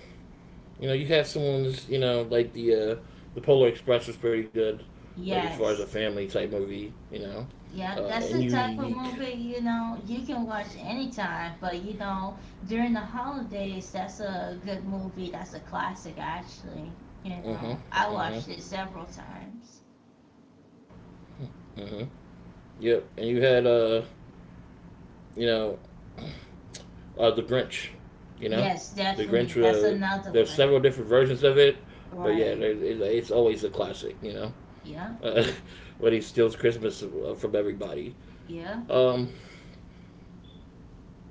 A: you know, you had someone's you know like the Polar Express was pretty good, like as far
B: Yes.
A: as a family type movie. You know,
B: Yeah. That's the
A: and
B: type
A: you
B: of movie,
A: unique.
B: you know, you can watch anytime, but you know, during the holidays, that's a good movie. That's a classic, actually. You know, I watched it
A: Uh huh.
B: several
A: Uh huh.
B: times.
A: Uh huh. Yep. And you had you know the Grinch. You know,
B: Yes,
A: the
B: definitely.
A: Grinch.
B: That's another
A: There's
B: one.
A: several different versions of it, but yeah,
B: Right.
A: it's always a classic. You know,
B: Yeah.
A: uh, when he steals Christmas from everybody.
B: Yeah.
A: Um,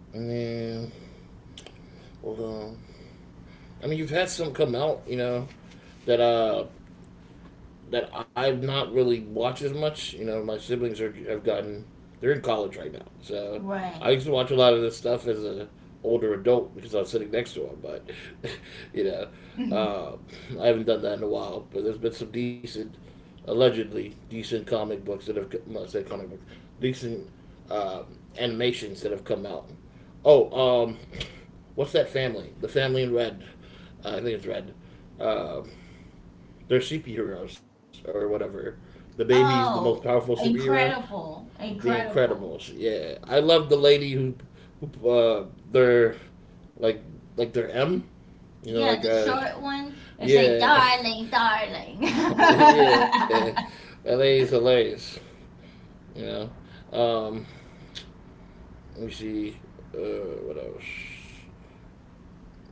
A: and then hold on. I mean, you've had some come out. You know, that that I've not really watched as much. You know, my siblings are have gotten, they're in college right now, so
B: Right.
A: I used to watch a lot of this stuff as a older adult because I was sitting next to him. But you know, uh, I haven't done that in a while. But there's been some decent, allegedly decent comic books that have, well, I say comic books, decent animations that have come out. Oh, what's that family? The Family in Red. I think it's Red. Um, they're superheroes or whatever. The baby's the most
B: Oh,
A: powerful superhero.
B: incredible.
A: The
B: Incredible.
A: Incredibles. Yeah, I love the lady who, who are like like their M. You know,
B: Yeah, the short one. I say,
A: yeah,
B: darling, darling.
A: yeah. That lady's hilarious. You know. Let me see. What else?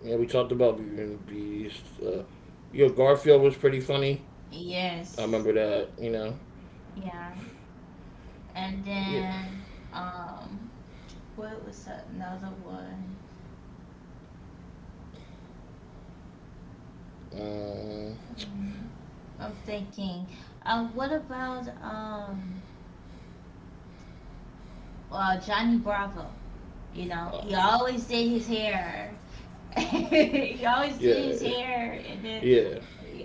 A: Yeah, we talked about Beauty and the Beast. Yo, Garfield was pretty funny. I remember
B: Yes.
A: that. You know.
B: Yeah. And
A: Yeah.
B: then, um, what was another one?
A: Um,
B: Um, I'm thinking, what about, Johnny Bravo? You know, he
A: oh,
B: always did his hair. He always did his
A: Yeah,
B: hair, and then
A: yeah,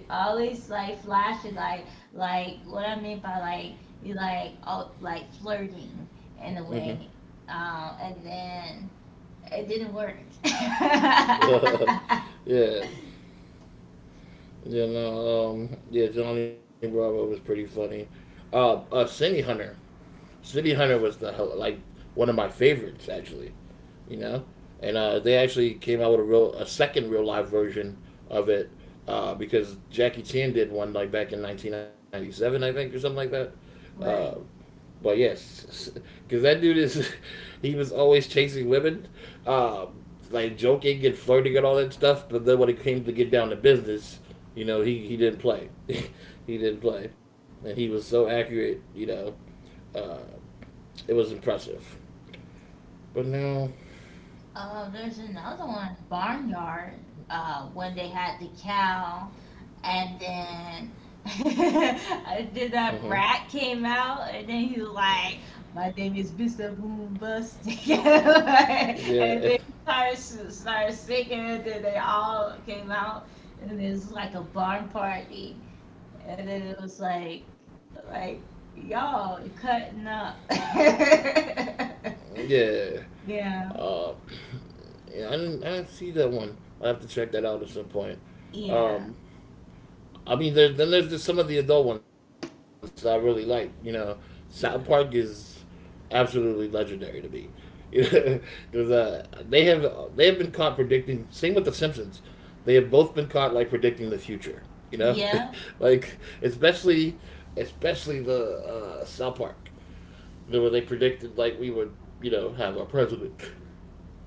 B: always like flashing like what I mean by like you like oh like flirting in a
A: mm-hmm.
B: way. And then it didn't work.
A: yeah. Yeah, Johnny Bravo was pretty funny. Cindy Hunter, Cindy Hunter was the like one of my favorites actually. You know, and they actually came out with a real a second real live version of it because Jackie Chan did one like back in 1997, I think, or something like that. Uh,
B: Right.
A: But yes, because that dude is, he was always chasing women, um, like joking and flirting and all that stuff. But then when it came to get down to business, you know, he didn't play. He didn't play. And he was so accurate, you know, uh, it was impressive. But now,
B: There's another one, Barnyard, when they had the cow. And then, then
A: mhm.
B: that rat came out, and then he was like, "My name is Mr. Boom Bust." and
A: Yeah,
B: then he started singing, and then they all came out, and it was like a barn party, and then it was like y'all cutting up. yeah,
A: yeah. Uh,
B: yeah,
A: yeah, I didn't see that one. I have to check that out at some point. Um, I mean, then there's just some of the adult ones that I really like. You know, South Park is
B: yeah,
A: absolutely legendary to me. Because they have been caught predicting. Same with the Simpsons, they have both been caught like predicting the future. You know,
B: yeah.
A: like especially the South Park, you know, where they predicted like we would you know have our president.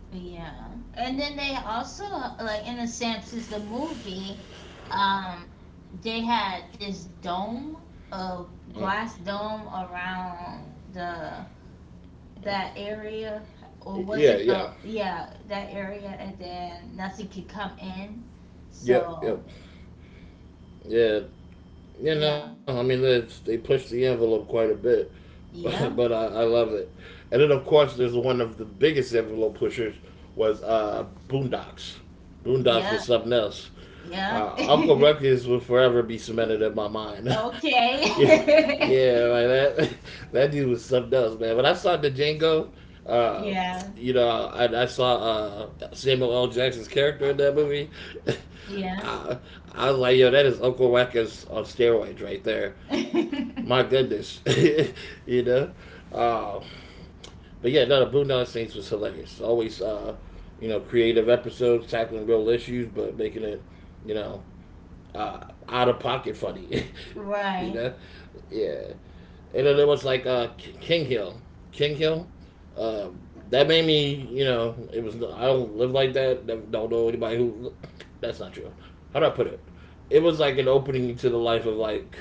B: Yeah. And then they also like in the Simpsons the movie, um, they had this dome, a
A: Mm.
B: glass dome around the that area, or was
A: Yeah,
B: it
A: yeah,
B: the yeah, that area, and then nothing could come in. So
A: yep, yep, yeah. Yeah,
B: yeah,
A: no, I mean they pushed the envelope quite a bit.
B: yeah,
A: But I love it. And then of course, there's one of the biggest envelope pushers was Boondocks. Boondocks was
B: yeah,
A: something else.
B: yeah.
A: Uncle Ruckus will forever be cemented in my mind. Yeah, yeah,
B: okay.
A: like that. That dude was something else, man. When I saw the Django, uh,
B: yeah,
A: you know, I saw Samuel L. Jackson's character in that movie.
B: yeah.
A: I, I was like, yo, that is Uncle Ruckus on steroids right there. My goodness, you know. Uh, but yeah, no, the Boondock Saints was hilarious. Always, you know, creative episodes tackling real issues, but making it, you know, uh, out of pocket funny, you
B: right.
A: know? Yeah. And then it was like King Hill. King Hill. Uh, that made me, you know, it was, I don't live like that. Don't know anybody who, that's not true. How do I put it? It was like an opening to the life of like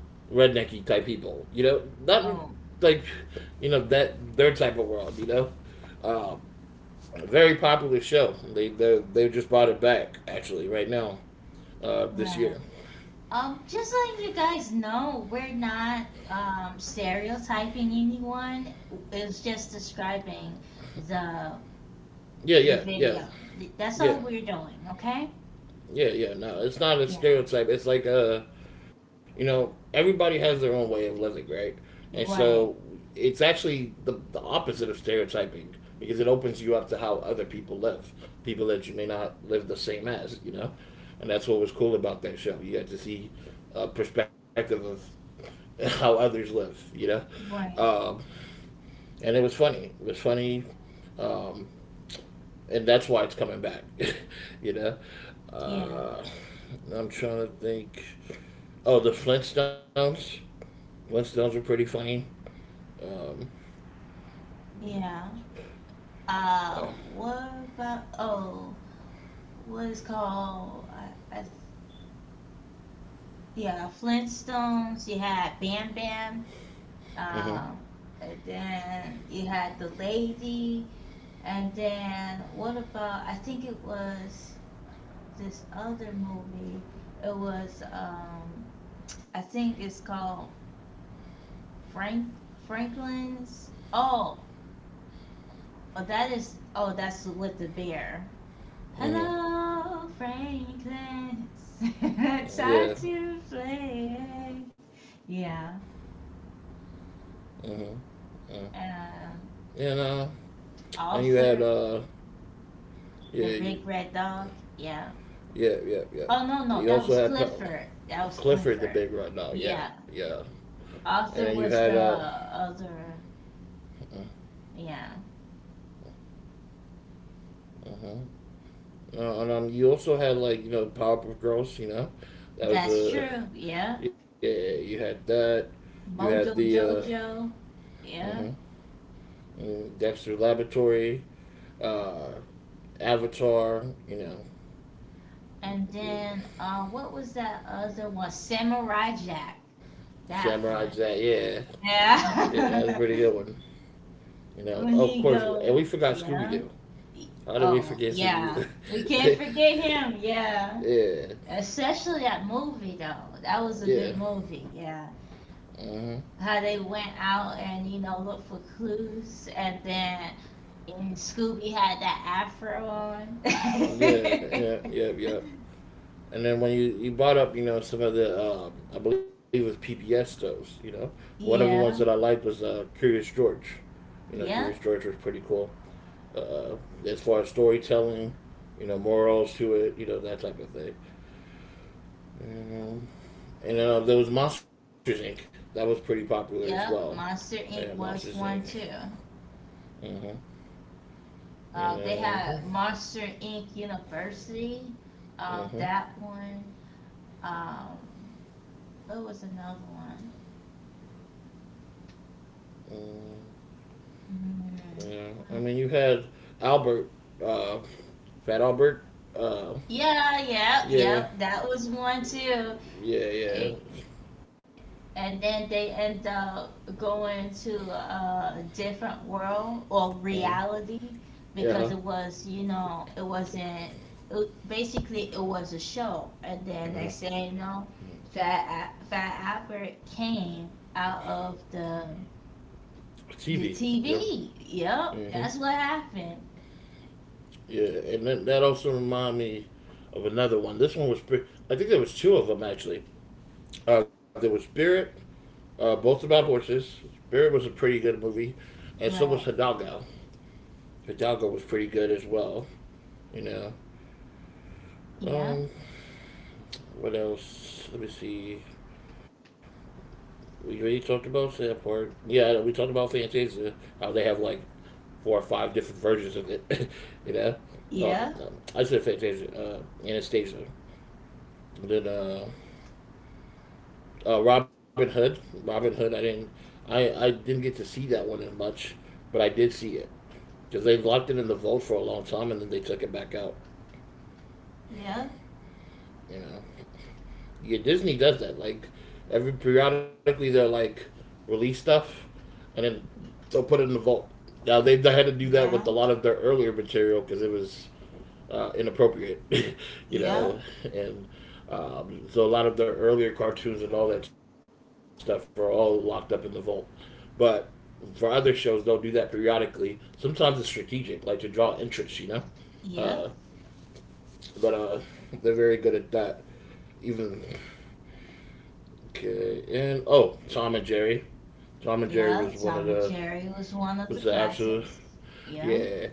A: rednecky type people, you know? Not
B: Oh,
A: like, you know, that, their type of world, you know? Um, a very popular show. They just brought it back actually right now this
B: right.
A: year.
B: Just letting you guys know, we're not stereotyping anyone. It's just describing the
A: Yeah,
B: the
A: yeah, yeah,
B: video. That's
A: yeah.
B: all we're doing, okay?
A: Yeah, yeah, no, it's not a
B: Yeah.
A: stereotype. It's like you know, everybody has their own way of living, right? And so
B: Right.
A: it's actually the opposite of stereotyping because it opens you up to how other people live, people that you may not live the same as, you know. And that's what was cool about that show. You got to see a perspective of how others live, you know.
B: Right.
A: Um, and it was funny. It was funny, um, and that's why it's coming back, you know.
B: Yeah.
A: Uh, I'm trying to think. Oh, the Flintstones. Flintstones are pretty funny. Um,
B: Yeah.
A: uh,
B: What about oh, what is called? I, I, yeah, Flintstones. You had Bam Bam.
A: mm-hmm.
B: Uh, and then you had the lady. And then what about? I think it was this other movie. It was I think it's called Frank Franklin's. Oh, oh that is oh that's with the bear.
A: Mm-hmm.
B: Hello, Franklin's. Time to
A: Yeah.
B: play. Yeah.
A: Mm-hmm. Mm.
B: Uh,
A: And and you
B: Arthur,
A: had
B: the
A: yeah,
B: big
A: you,
B: red dog. Yeah.
A: yeah, yeah,
B: Oh
A: yeah.
B: no no, that
A: You
B: was
A: also had
B: Clifford. That was Clifford.
A: Clifford the Big Red Dog.
B: Yeah.
A: Yeah, yeah. And
B: Arthur
A: then you
B: was the
A: had
B: other.
A: mm-hmm.
B: Yeah,
A: uh and you also had like you know Powerpuff Girls. You know, that was
B: that's
A: a
B: true. Yeah,
A: yeah. Yeah, you had that. You
B: Mojo
A: had the uh,
B: Jojo. Yeah,
A: mm-hmm. Mm, Dexter Laboratory. Uh, Avatar, you know,
B: and then
A: yeah,
B: what was that other one? Samurai Jack. That
A: Samurai
B: one.
A: Jack. Yeah, yeah,
B: Yeah.
A: that's a pretty good one. You know,
B: when
A: of
B: he
A: course,
B: go.
A: and we forgot Scooby
B: Yeah.
A: Doo. How did we
B: Oh
A: forget
B: yeah,
A: Scooby
B: we can't
A: Doo?
B: forget him. Yeah,
A: Yeah,
B: especially that movie though. That was a
A: yeah,
B: good movie. Yeah,
A: uh-huh.
B: how they went out and you know looked for clues, and then and Scooby had that afro on.
A: Yeah, yeah, yeah, yeah. And then when you brought up, you know, some of the, I believe it was PBS shows, you know. One of the ones that I
B: Yeah,
A: liked was Curious George. You know, Curious
B: yep,
A: George was pretty cool. Uh, as far as storytelling, you know, morals to it, you know, that type of thing. Um, And there was Monsters Inc. That was pretty popular as well.
B: yep.
A: Yeah,
B: Monster
A: Monsters
B: Inc.
A: Inc.
B: was one too.
A: Uh-huh. You know,
B: They had Monster Inc. University.
A: uh-huh.
B: That one. Um, what was another one?
A: Um,
B: Mm,
A: yeah. I
B: well,
A: mean, you had Albert, uh, Fat Albert. Uh,
B: yeah, yeah,
A: yeah,
B: yep. That was one too.
A: yeah, yeah.
B: And then they end up going to a different world or
A: Uh-huh.
B: reality
A: Yeah.
B: because
A: Huh.
B: it was you know it wasn't it, basically it was a show, and then they
A: Mhm.
B: say you know fat fat albert came out of
A: TV.
B: the
A: Yeah.
B: tv. Yep,
A: Hmm.
B: that's what happened.
A: Yeah, and then that also reminded me of another one. This one was, I think there was two of them actually. There was Spirit, both about horses. Spirit was a pretty good movie, and so was
B: Right,
A: Hidalgo. Hidalgo was pretty good as well. You know.
B: yeah,
A: Um, what else? Let me see. We already talked about that part. Yeah, we talked about Fantasia. How they have like 4 or 5 different versions of it. You know.
B: yeah,
A: I said Fantasia. Anastasia. And then Robin Hood. Robin Hood. I didn't. I didn't get to see that one as much, but I did see it, because they locked it in the vault for a long time and then they took it back out.
B: yeah,
A: You know, yeah, Disney does that. Like every periodically, they're like release stuff, and then they'll put it in the vault. Now they had to do that with a
B: yeah,
A: lot of their earlier material because it was inappropriate, you
B: yeah,
A: know, and so a lot of their earlier cartoons and all that stuff are all locked up in the vault. But for other shows, they'll do that periodically. Sometimes it's strategic, like to draw interest, you know. Uh,
B: yeah.
A: But they're very good at that. Even okay, and oh, Tom and Jerry. Tom and Jerry
B: Yeah,
A: was one of
B: Tom and
A: the
B: Jerry was one of the
A: was the absolute
B: classics. Yeah.
A: yeah.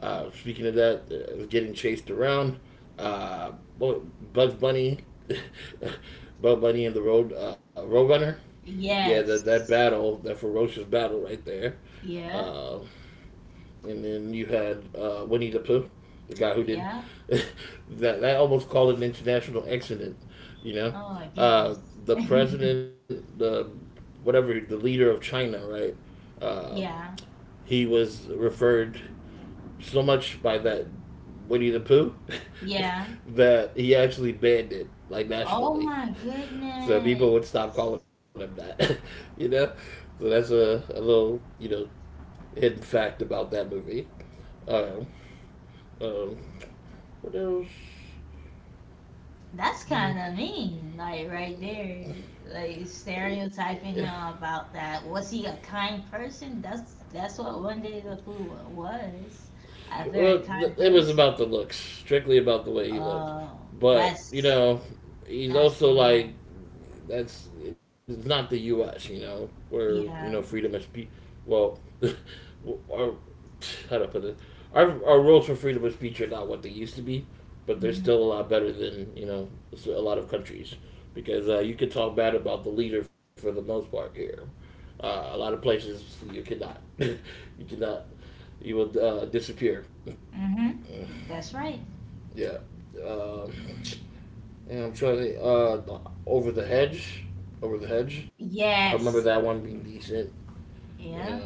A: Speaking of that, getting chased around. Uh, well, Bugs Bunny, Bugs Bunny and the Roadrunner. Yeah, that
B: Yes.
A: battle, that ferocious battle right there.
B: Yeah.
A: Um, and then you had Winnie the Pooh, the guy who did
B: Yeah.
A: that. That almost called it an international accident, you know.
B: Oh my
A: Uh,
B: goodness.
A: the president, the whatever, the leader of China, right? Uh,
B: Yeah.
A: he was referred so much by that Winnie the Pooh
B: Yeah.
A: that he actually banned it like
B: Oh
A: nationally,
B: my
A: so
B: goodness.
A: people would stop calling him that, you know. So that's a little you know hidden fact about that movie. Um, um, what else?
B: That's
A: Hmm.
B: kind of mean, like right there. Like stereotyping him about that. Was he a kind person? That's what One Day the Pooh was. A very
A: Well,
B: kind
A: it was
B: person.
A: about the looks, strictly about the way he looked.
B: Oh,
A: But you know, he's
B: that's
A: also like
B: wrong.
A: that's it's not the U.S. You know where you
B: Yeah.
A: know freedom is well, our how to put it, our rules for freedom of speech are not what they used to be, but they're still
B: Mm-hmm.
A: a lot better than you know a lot of countries because you can talk bad about the leader for the most part here. A lot of places you cannot, you cannot, you will disappear.
B: Mm-hmm. That's right.
A: Yeah. Um, and I'm trying to over the hedge, over the hedge. I remember that one
B: Yes.
A: being decent. You know,
B: Yeah,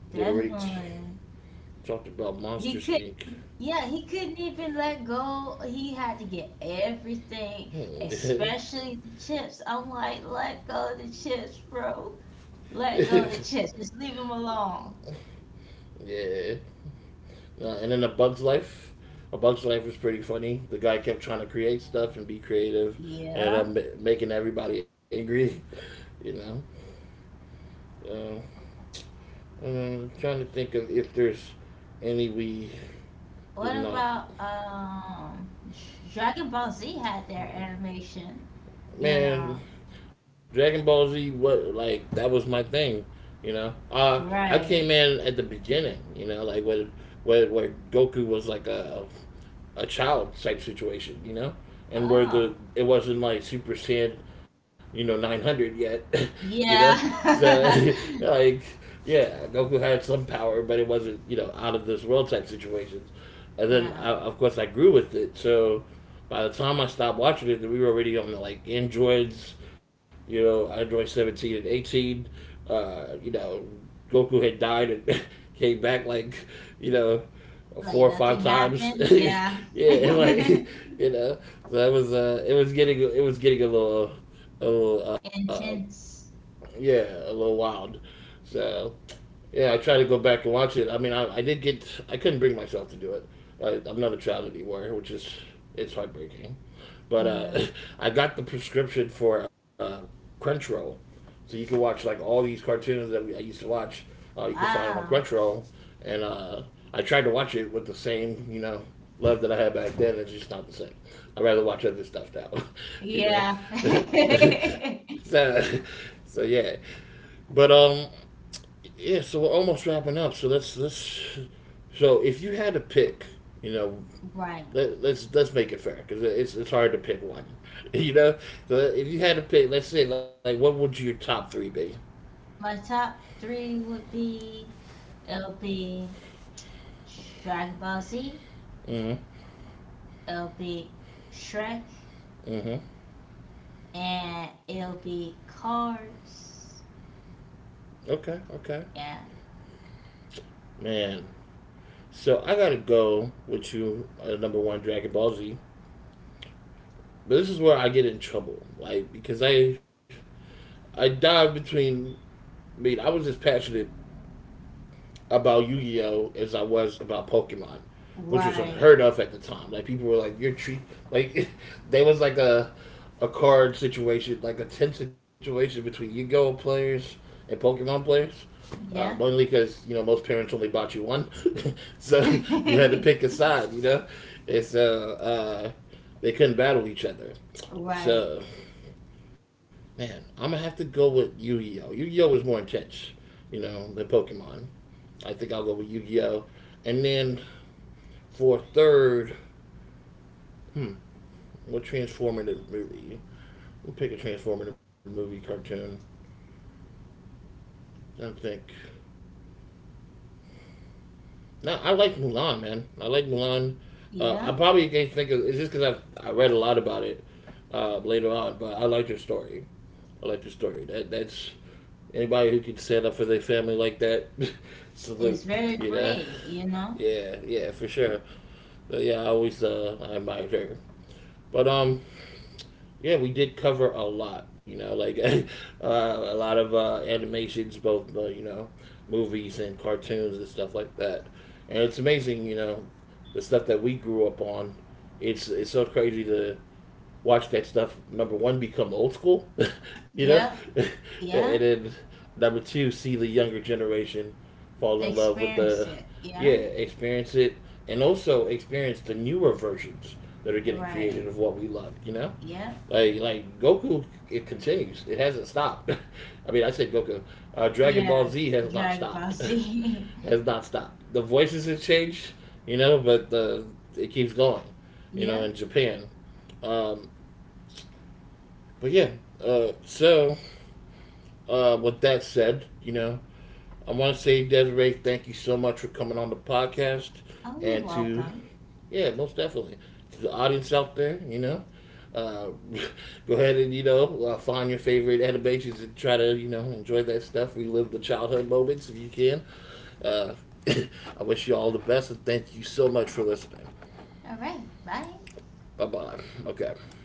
A: yeah, we already
B: definitely.
A: talked about
B: He
A: Monsters
B: could,
A: Inc.
B: yeah, he couldn't even let go. He had to get everything,
A: Hmm.
B: especially the chips. I'm like, let go of the chips, bro. Let go of the chips. Just leave him alone.
A: Yeah, and then A Bug's Life. A Bug's Life was pretty funny. The guy kept trying to create stuff and be creative, and
B: Yeah.
A: I'm making everybody angry. You know, uh, I'm trying to think of if there's any we did
B: What
A: not
B: about Dragon Ball Z had their animation, you know?
A: man, Dragon Ball Z, what like that was my thing, you know. I
B: Right.
A: came in at the beginning, you know, like where Goku was like a child type situation, you know, and where
B: Oh.
A: the it wasn't like Super Saiyan, you know, 900 yet, you know, so
B: Yeah.
A: like yeah, Goku had some power, but it wasn't you know out of this world type situations, and then
B: Yeah.
A: I, of course I grew with it, so by the time I stopped watching it, we were already on the like androids. You know, Android 17 and 18. You know, Goku had died and came back like you know four
B: Like
A: or five
B: nothing
A: times.
B: happened. Yeah.
A: Yeah, and like you know, so that was it was getting a little a little
B: Intense.
A: yeah a little wild. So yeah, I tried to go back and watch it. I mean, I did get I couldn't bring myself to do it. I'm not a child anymore, which is it's heartbreaking. But
B: Yeah.
A: I got the prescription for Crunchyroll, so you can watch like all these cartoons that I used to watch. You can find it on
B: Wow.
A: Crunchyroll, and I tried to watch it with the same love that I had back then. It's just not the same. I'd rather watch other stuff now, you know.
B: Yeah.
A: so, so yeah, but yeah. So we're almost wrapping up. So let's let's. So if you had to pick, you know,
B: Right.
A: let, us let's make it fair because it's hard to pick one. You know, so if you had to pick, let's say like what would your top three be?
B: My top three would be it'll be Dragon Ball Z,
A: Mm-hmm.
B: it'll be Shrek,
A: Mm-hmm.
B: and it'll be Cars.
A: Okay. Okay.
B: Yeah.
A: Man, so I gotta go with you number one, Dragon Ball Z. But this is where I get in trouble, like because I dive between. I mean, I was just passionate about Yu Gi Oh as I was about Pokemon, which was
B: Right.
A: unheard of at the time. Like people were like, "You're treat like," there was like a card situation, like a tense situation between Yu Gi Oh players and Pokemon players.
B: Yeah.
A: Mainly because you know most parents only bought you one, so you had to pick a side. You know, and so they couldn't battle each other.
B: Right.
A: So man, I'm gonna have to go with Yu Gi Oh. Yu Gi Oh was more intense, you know, than Pokemon. I think I'll go with Yu Gi Oh. And then for third, hmm, what transformative movie? We'll pick a transformative movie cartoon. I don't think. No, I like Mulan, man. I like Mulan. I
B: Yeah.
A: probably can't think of. It's just because I read a lot about it later on, but I like your story. I like your story. That's anybody who can stand up for their family like that.
B: It's
A: Salute.
B: very
A: You know.
B: brave, you know?
A: Yeah, yeah, for sure. But yeah, I always I admired her. But yeah, we did cover a lot. You know, like a lot of animations, both you know, movies and cartoons and stuff like that. And it's amazing, you know, the stuff that we grew up on. It's so crazy to watch that stuff. Number one, become old school, you know,
B: Yeah.
A: and
B: Yeah.
A: then number two, see the younger generation fall in love with
B: Experience
A: the
B: it.
A: yeah,
B: Yeah.
A: experience it, and also experience the newer versions that are getting
B: Right.
A: created of what we love. You know.
B: Yep.
A: Like Goku, it continues. It hasn't stopped. I mean, I said Goku. Dragon
B: Yeah.
A: Ball Z has not
B: Drag
A: stopped.
B: bossy,
A: Has not stopped. The voices have changed, you know, but it keeps going, you know,
B: yep.
A: in Japan. Um, but yeah, uh, so with that said, you know, I want to say Desiree, thank you so much for coming on the podcast
B: Oh, you're
A: and to
B: welcome.
A: yeah, most definitely. To the audience out there, you know, uh, go ahead and you know find your favorite animations and try to you know enjoy that stuff. Relive the childhood moments if you can. Uh, I wish you all the best and thank you so much for listening.
B: All right. Bye.
A: Bye bye. Okay.